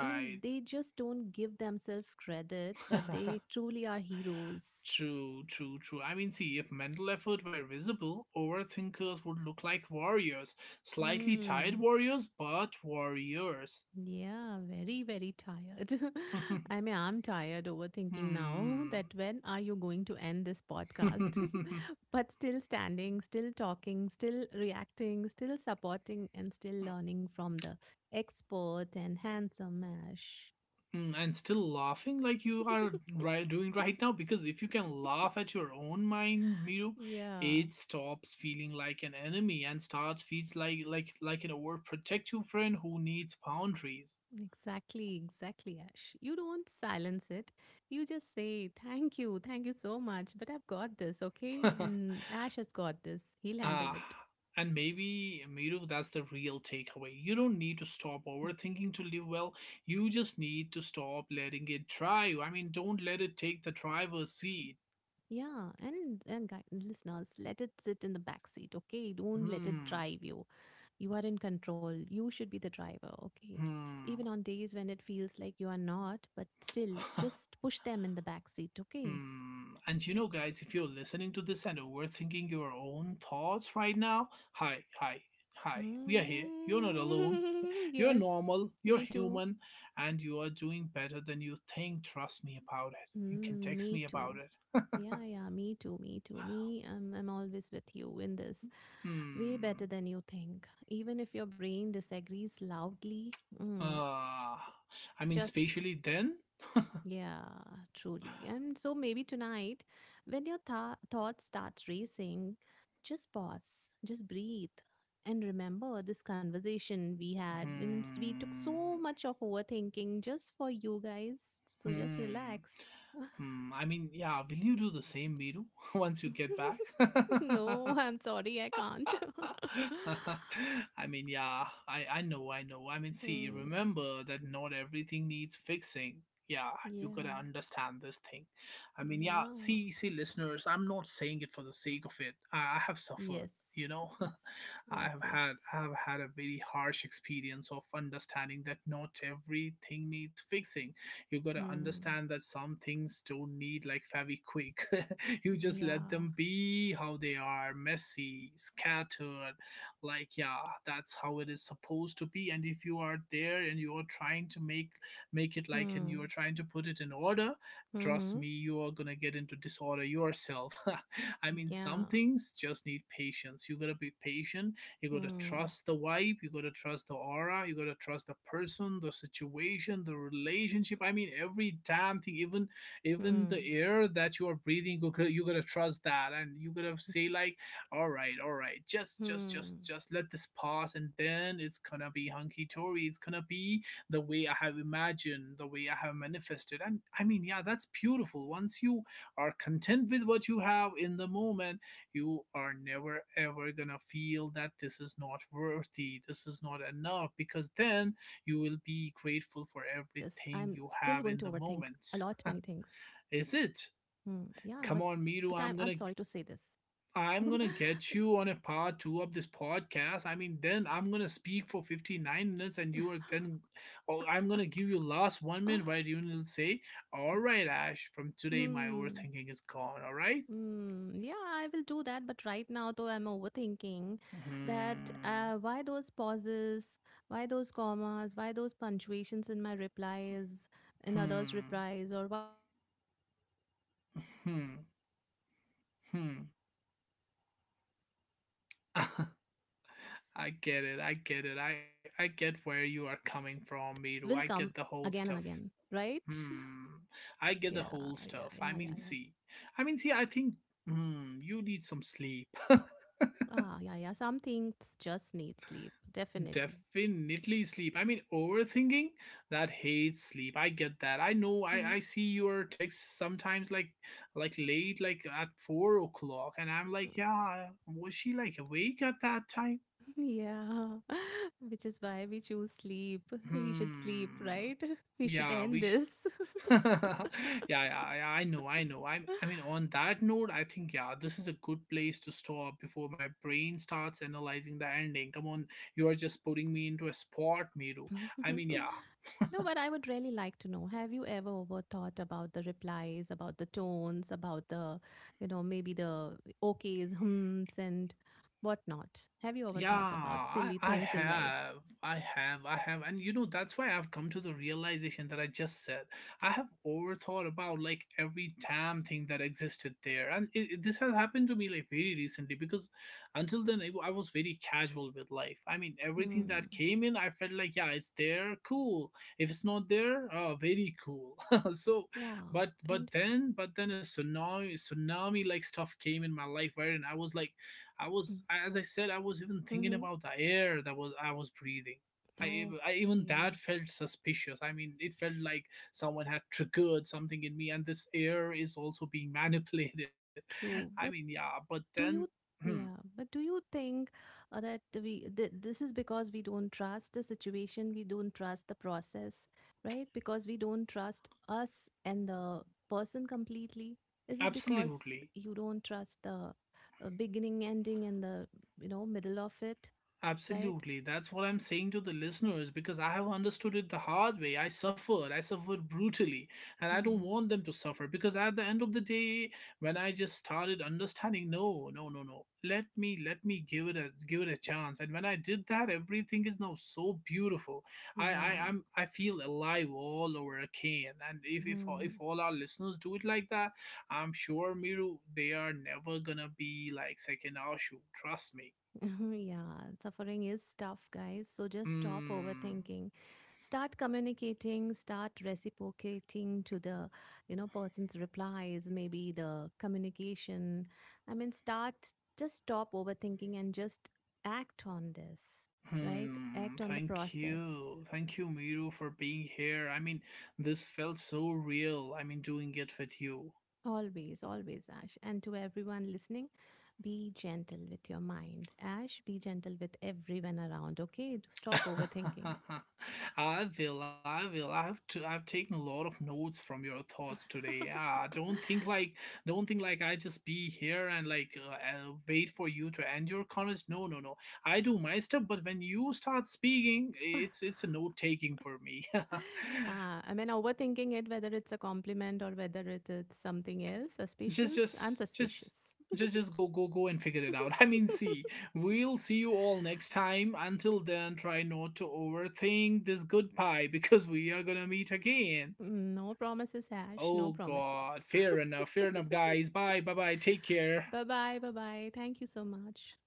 Speaker 2: I mean, they just don't give themselves credit, but they truly are heroes.
Speaker 1: True, true, true. I mean, see, if mental effort were visible, overthinkers would look like warriors. Slightly tired
Speaker 2: Hmm.
Speaker 1: warriors, but warriors.
Speaker 2: Yeah, very, very tired. I mean, I'm tired overthinking now
Speaker 1: Hmm.
Speaker 2: that when are you going to end this podcast? But still standing, still talking, still reacting, still supporting, and still learning from the expert and handsome Ash.
Speaker 1: And still laughing like you are right, doing right now, because if you can laugh at your own mind, Miru,
Speaker 2: Yeah.
Speaker 1: it stops feeling like an enemy and starts feels like an overprotective friend who needs boundaries.
Speaker 2: Exactly, exactly, Ash. You don't silence it. You just say, thank you, thank you so much, but I've got this, okay? And Ash has got this. He'll
Speaker 1: Uh,
Speaker 2: handle it.
Speaker 1: and maybe, Miru, that's the real takeaway. You don't need to stop overthinking to live well. You just need to stop letting it drive. I mean, don't let it take the driver's seat.
Speaker 2: Yeah, and guy, listeners, let it sit in the back seat, okay? Don't let it
Speaker 1: Hmm.
Speaker 2: drive you. You are in control. You should be the driver, okay?
Speaker 1: Hmm.
Speaker 2: Even on days when it feels like you are not, but still, just push them in the back seat, okay?
Speaker 1: Hmm. And you know, guys, if you're listening to this and overthinking your own thoughts right now, hi, hi, hi, we are here. You're
Speaker 2: Mm,
Speaker 1: not alone. You're
Speaker 2: yes,
Speaker 1: normal,
Speaker 2: me
Speaker 1: you're
Speaker 2: too.
Speaker 1: human, and you are doing better than you think. Trust me about it. You can
Speaker 2: Mm,
Speaker 1: text
Speaker 2: me
Speaker 1: me about
Speaker 2: too.
Speaker 1: it.
Speaker 2: Yeah, yeah, me too, me too. Me, I'm always with you in this. Way better
Speaker 1: Hmm.
Speaker 2: than you think. Even if your brain disagrees loudly, mm,
Speaker 1: Uh, I mean,
Speaker 2: just,
Speaker 1: spatially then?
Speaker 2: yeah, truly. And so maybe tonight, when your thoughts start racing, just pause, just breathe. And remember this conversation we had, and it's we took
Speaker 1: Hmm.
Speaker 2: so much of overthinking just for you guys. So just
Speaker 1: Hmm.
Speaker 2: relax.
Speaker 1: Hmm. I mean, yeah, will you do the same, Miru, once you get back?
Speaker 2: No, I'm sorry, I can't.
Speaker 1: I mean, yeah, I know, I know. I mean, see,
Speaker 2: Mm,
Speaker 1: remember that not everything needs fixing. Yeah, you gotta
Speaker 2: yeah,
Speaker 1: understand this thing. I mean, yeah,
Speaker 2: yeah,
Speaker 1: see, listeners, I'm not saying it for the sake of it. I have suffered,
Speaker 2: yes,
Speaker 1: you know.
Speaker 2: yes,
Speaker 1: I
Speaker 2: yes,
Speaker 1: have
Speaker 2: yes.
Speaker 1: had, I have had a very harsh experience of understanding that not everything needs fixing. You gotta
Speaker 2: Mm,
Speaker 1: understand that some things don't need like very quick. You just let
Speaker 2: yeah.
Speaker 1: them be how they are, messy, scattered, like, yeah, that's how it is supposed to be. And if you are there and you are trying to make it like, and you are
Speaker 2: Hmm.
Speaker 1: trying to put it in order, trust
Speaker 2: Hmm.
Speaker 1: me, you are gonna get into disorder yourself. I mean,
Speaker 2: Yeah.
Speaker 1: some things just need patience. You gotta be patient. You gotta
Speaker 2: Hmm.
Speaker 1: trust the vibe, you gotta trust the aura, you gotta trust the person, the situation, the relationship. I mean, every damn thing, even
Speaker 2: Hmm.
Speaker 1: the air that you are breathing, you gotta trust that. And you gotta say like, all right, all right, just just just
Speaker 2: Hmm.
Speaker 1: just let this pass, and then it's gonna be hunky-dory, it's gonna be the way I have imagined, the way I have manifested. And I mean, yeah, that's beautiful. Once you are content
Speaker 2: Hmm.
Speaker 1: with what you
Speaker 2: True.
Speaker 1: have in
Speaker 2: Yeah.
Speaker 1: the
Speaker 2: Very
Speaker 1: moment,
Speaker 2: true.
Speaker 1: you are never
Speaker 2: I mean,
Speaker 1: ever gonna
Speaker 2: you know.
Speaker 1: feel that this is
Speaker 2: Uh.
Speaker 1: not
Speaker 2: But
Speaker 1: worthy, this
Speaker 2: I'm
Speaker 1: is not
Speaker 2: sorry to say
Speaker 1: enough,
Speaker 2: this.
Speaker 1: because
Speaker 2: I'm
Speaker 1: then you
Speaker 2: still
Speaker 1: will
Speaker 2: going to
Speaker 1: be
Speaker 2: overthink
Speaker 1: grateful for
Speaker 2: a lot many
Speaker 1: everything you
Speaker 2: things.
Speaker 1: have in the moment.
Speaker 2: Hmm. Yeah,
Speaker 1: Is it?
Speaker 2: but I'm
Speaker 1: Come
Speaker 2: sorry
Speaker 1: on,
Speaker 2: to say
Speaker 1: Miru.
Speaker 2: this.
Speaker 1: I'm gonna I'm gonna get you on a part two of this podcast. I mean, then I'm gonna speak for 59 minutes, and you are then, or I'm gonna give you last 1 minute where you will say, "All right, Ash, from today my
Speaker 2: Hmm.
Speaker 1: overthinking is gone." All right.
Speaker 2: Mm, yeah, I will do that. But right now, though, I'm overthinking that
Speaker 1: Hmm.
Speaker 2: why those pauses, why those commas, why those punctuations in my replies, in others'
Speaker 1: Hmm.
Speaker 2: replies, or why there was no smiley after
Speaker 1: Hmm.
Speaker 2: okay, and why the audio note was
Speaker 1: Hmm.
Speaker 2: had that type of tone, not the comforting tone.
Speaker 1: I get
Speaker 2: It
Speaker 1: it. I get it.
Speaker 2: will
Speaker 1: I
Speaker 2: come
Speaker 1: get where you
Speaker 2: again
Speaker 1: are
Speaker 2: and
Speaker 1: coming
Speaker 2: again,
Speaker 1: from, Miru.
Speaker 2: right?
Speaker 1: I get the whole stuff.
Speaker 2: Yeah, yeah,
Speaker 1: Hmm.
Speaker 2: yeah, yeah,
Speaker 1: I
Speaker 2: yeah.
Speaker 1: get the whole stuff. I mean, see. I mean, see, I think, you need some sleep.
Speaker 2: Ah, yeah, yeah. Some things just need sleep, definitely.
Speaker 1: Definitely sleep. I mean, overthinking, that hates sleep. I get that. I know I,
Speaker 2: Mhm.
Speaker 1: I see your texts sometimes like late, like at 4 o'clock, and I'm like, yeah, was she like awake at that time?
Speaker 2: Yeah, which is why we choose sleep. We should
Speaker 1: Hmm.
Speaker 2: sleep, right? We should
Speaker 1: Yeah,
Speaker 2: end this.
Speaker 1: yeah, yeah, yeah, I know, I know. I mean, on that note, I think, yeah, this is a good place to stop before my brain starts analyzing the ending. Come on, you are just putting me into a spot, Miru. I mean, yeah,
Speaker 2: No, but I would really like to know, have you ever overthought about the replies, about the tones, about the, you know, maybe the okays, hmms, and whatnot? Have you ever
Speaker 1: yeah,
Speaker 2: thought about
Speaker 1: I,
Speaker 2: silly
Speaker 1: I
Speaker 2: things in life?
Speaker 1: have. I have. I have. And that's why I've come to the realization that I just said. I have overthought about like every damn thing that existed there. And this has happened to me like very recently because until then, I was very casual with life. I mean, everything
Speaker 2: Hmm.
Speaker 1: that came in, I felt like, yeah, it's there, cool. If it's not there, oh, very cool. So,
Speaker 2: Yeah.
Speaker 1: but but
Speaker 2: And
Speaker 1: then but then a tsunami like stuff came in my life, right? And I was, as I said, I was even thinking
Speaker 2: mm-hmm.
Speaker 1: about the air that was I was breathing. I, ev- I even that
Speaker 2: Okay.
Speaker 1: felt suspicious. I mean, it felt like someone had triggered something in me, and this air is also being manipulated. I
Speaker 2: True,
Speaker 1: mean,
Speaker 2: but
Speaker 1: yeah, but then,
Speaker 2: do you,
Speaker 1: hmm,
Speaker 2: yeah, but do you think that we th this is because we don't trust the situation, we don't trust the process, right? Because we don't trust us and the person completely. Is it because
Speaker 1: absolutely.
Speaker 2: you don't trust the beginning, ending, and the, you know, middle of it, right?
Speaker 1: Absolutely. That's what I'm saying to the listeners, because I have understood it the hard way. I suffered. I suffered brutally. And I don't
Speaker 2: Hmm.
Speaker 1: want them to suffer, because at the end of the day, when I just started understanding, no, no, no, no. Let me give it a chance. And when I did that, everything is now so beautiful. I, I
Speaker 2: Yeah.
Speaker 1: I'm I feel alive all over again. And if
Speaker 2: Hmm.
Speaker 1: all our listeners do it like that, I'm sure, Miru, they are never gonna be like second Ashu. Trust me.
Speaker 2: Yeah, suffering is tough, guys. So just stop
Speaker 1: Hmm.
Speaker 2: overthinking. Start communicating, start reciprocating to the, you know, person's replies, maybe the communication. I mean, start just stop overthinking and just act on this, right?
Speaker 1: Hmm,
Speaker 2: Act on the
Speaker 1: thank
Speaker 2: process.
Speaker 1: you. Thank you, Miru, for being here. I mean, this felt so real. I mean, doing it with you.
Speaker 2: Always, always, Ash. And to everyone listening, be gentle with your mind. Ash, be gentle with everyone around, okay? Stop overthinking.
Speaker 1: I will, I will. I've taken a lot of notes from your thoughts today. Ah, don't think like I just be here and like wait for you to end your comments. No, no, no. I do my stuff, but when you start speaking, it's a note taking for me.
Speaker 2: Uh, I mean, overthinking it, whether it's a compliment or whether it is something else,
Speaker 1: just
Speaker 2: suspicious. I'm
Speaker 1: just just
Speaker 2: suspicious.
Speaker 1: just go, go, go and figure it out. I mean, see, we'll see you all next time. Until then, try not to overthink this goodbye, because we are gonna meet again.
Speaker 2: No promises, Ash. No
Speaker 1: Oh god,
Speaker 2: promises.
Speaker 1: fair enough, fair enough, guys. Bye, bye, bye. Take care.
Speaker 2: Bye bye. Bye bye. Thank you so much.